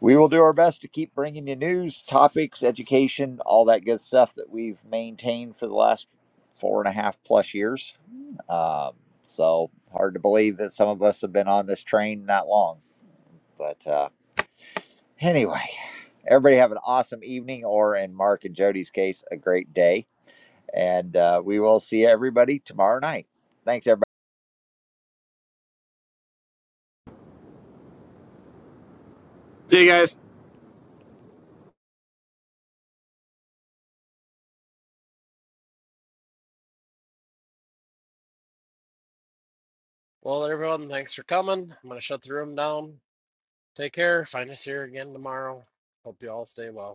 we will do our best to keep bringing you news, topics, education, all that good stuff that we've maintained for the last four and a half plus years. Um, so hard to believe that some of us have been on this train that long. But uh, anyway, everybody have an awesome evening, or in Mark and Jody's case, a great day. And uh, we will see everybody tomorrow night. Thanks, everybody.
See you guys.
Well, everyone, thanks for coming. I'm gonna shut the room down. Take care. Find us here again tomorrow. Hope you all stay well.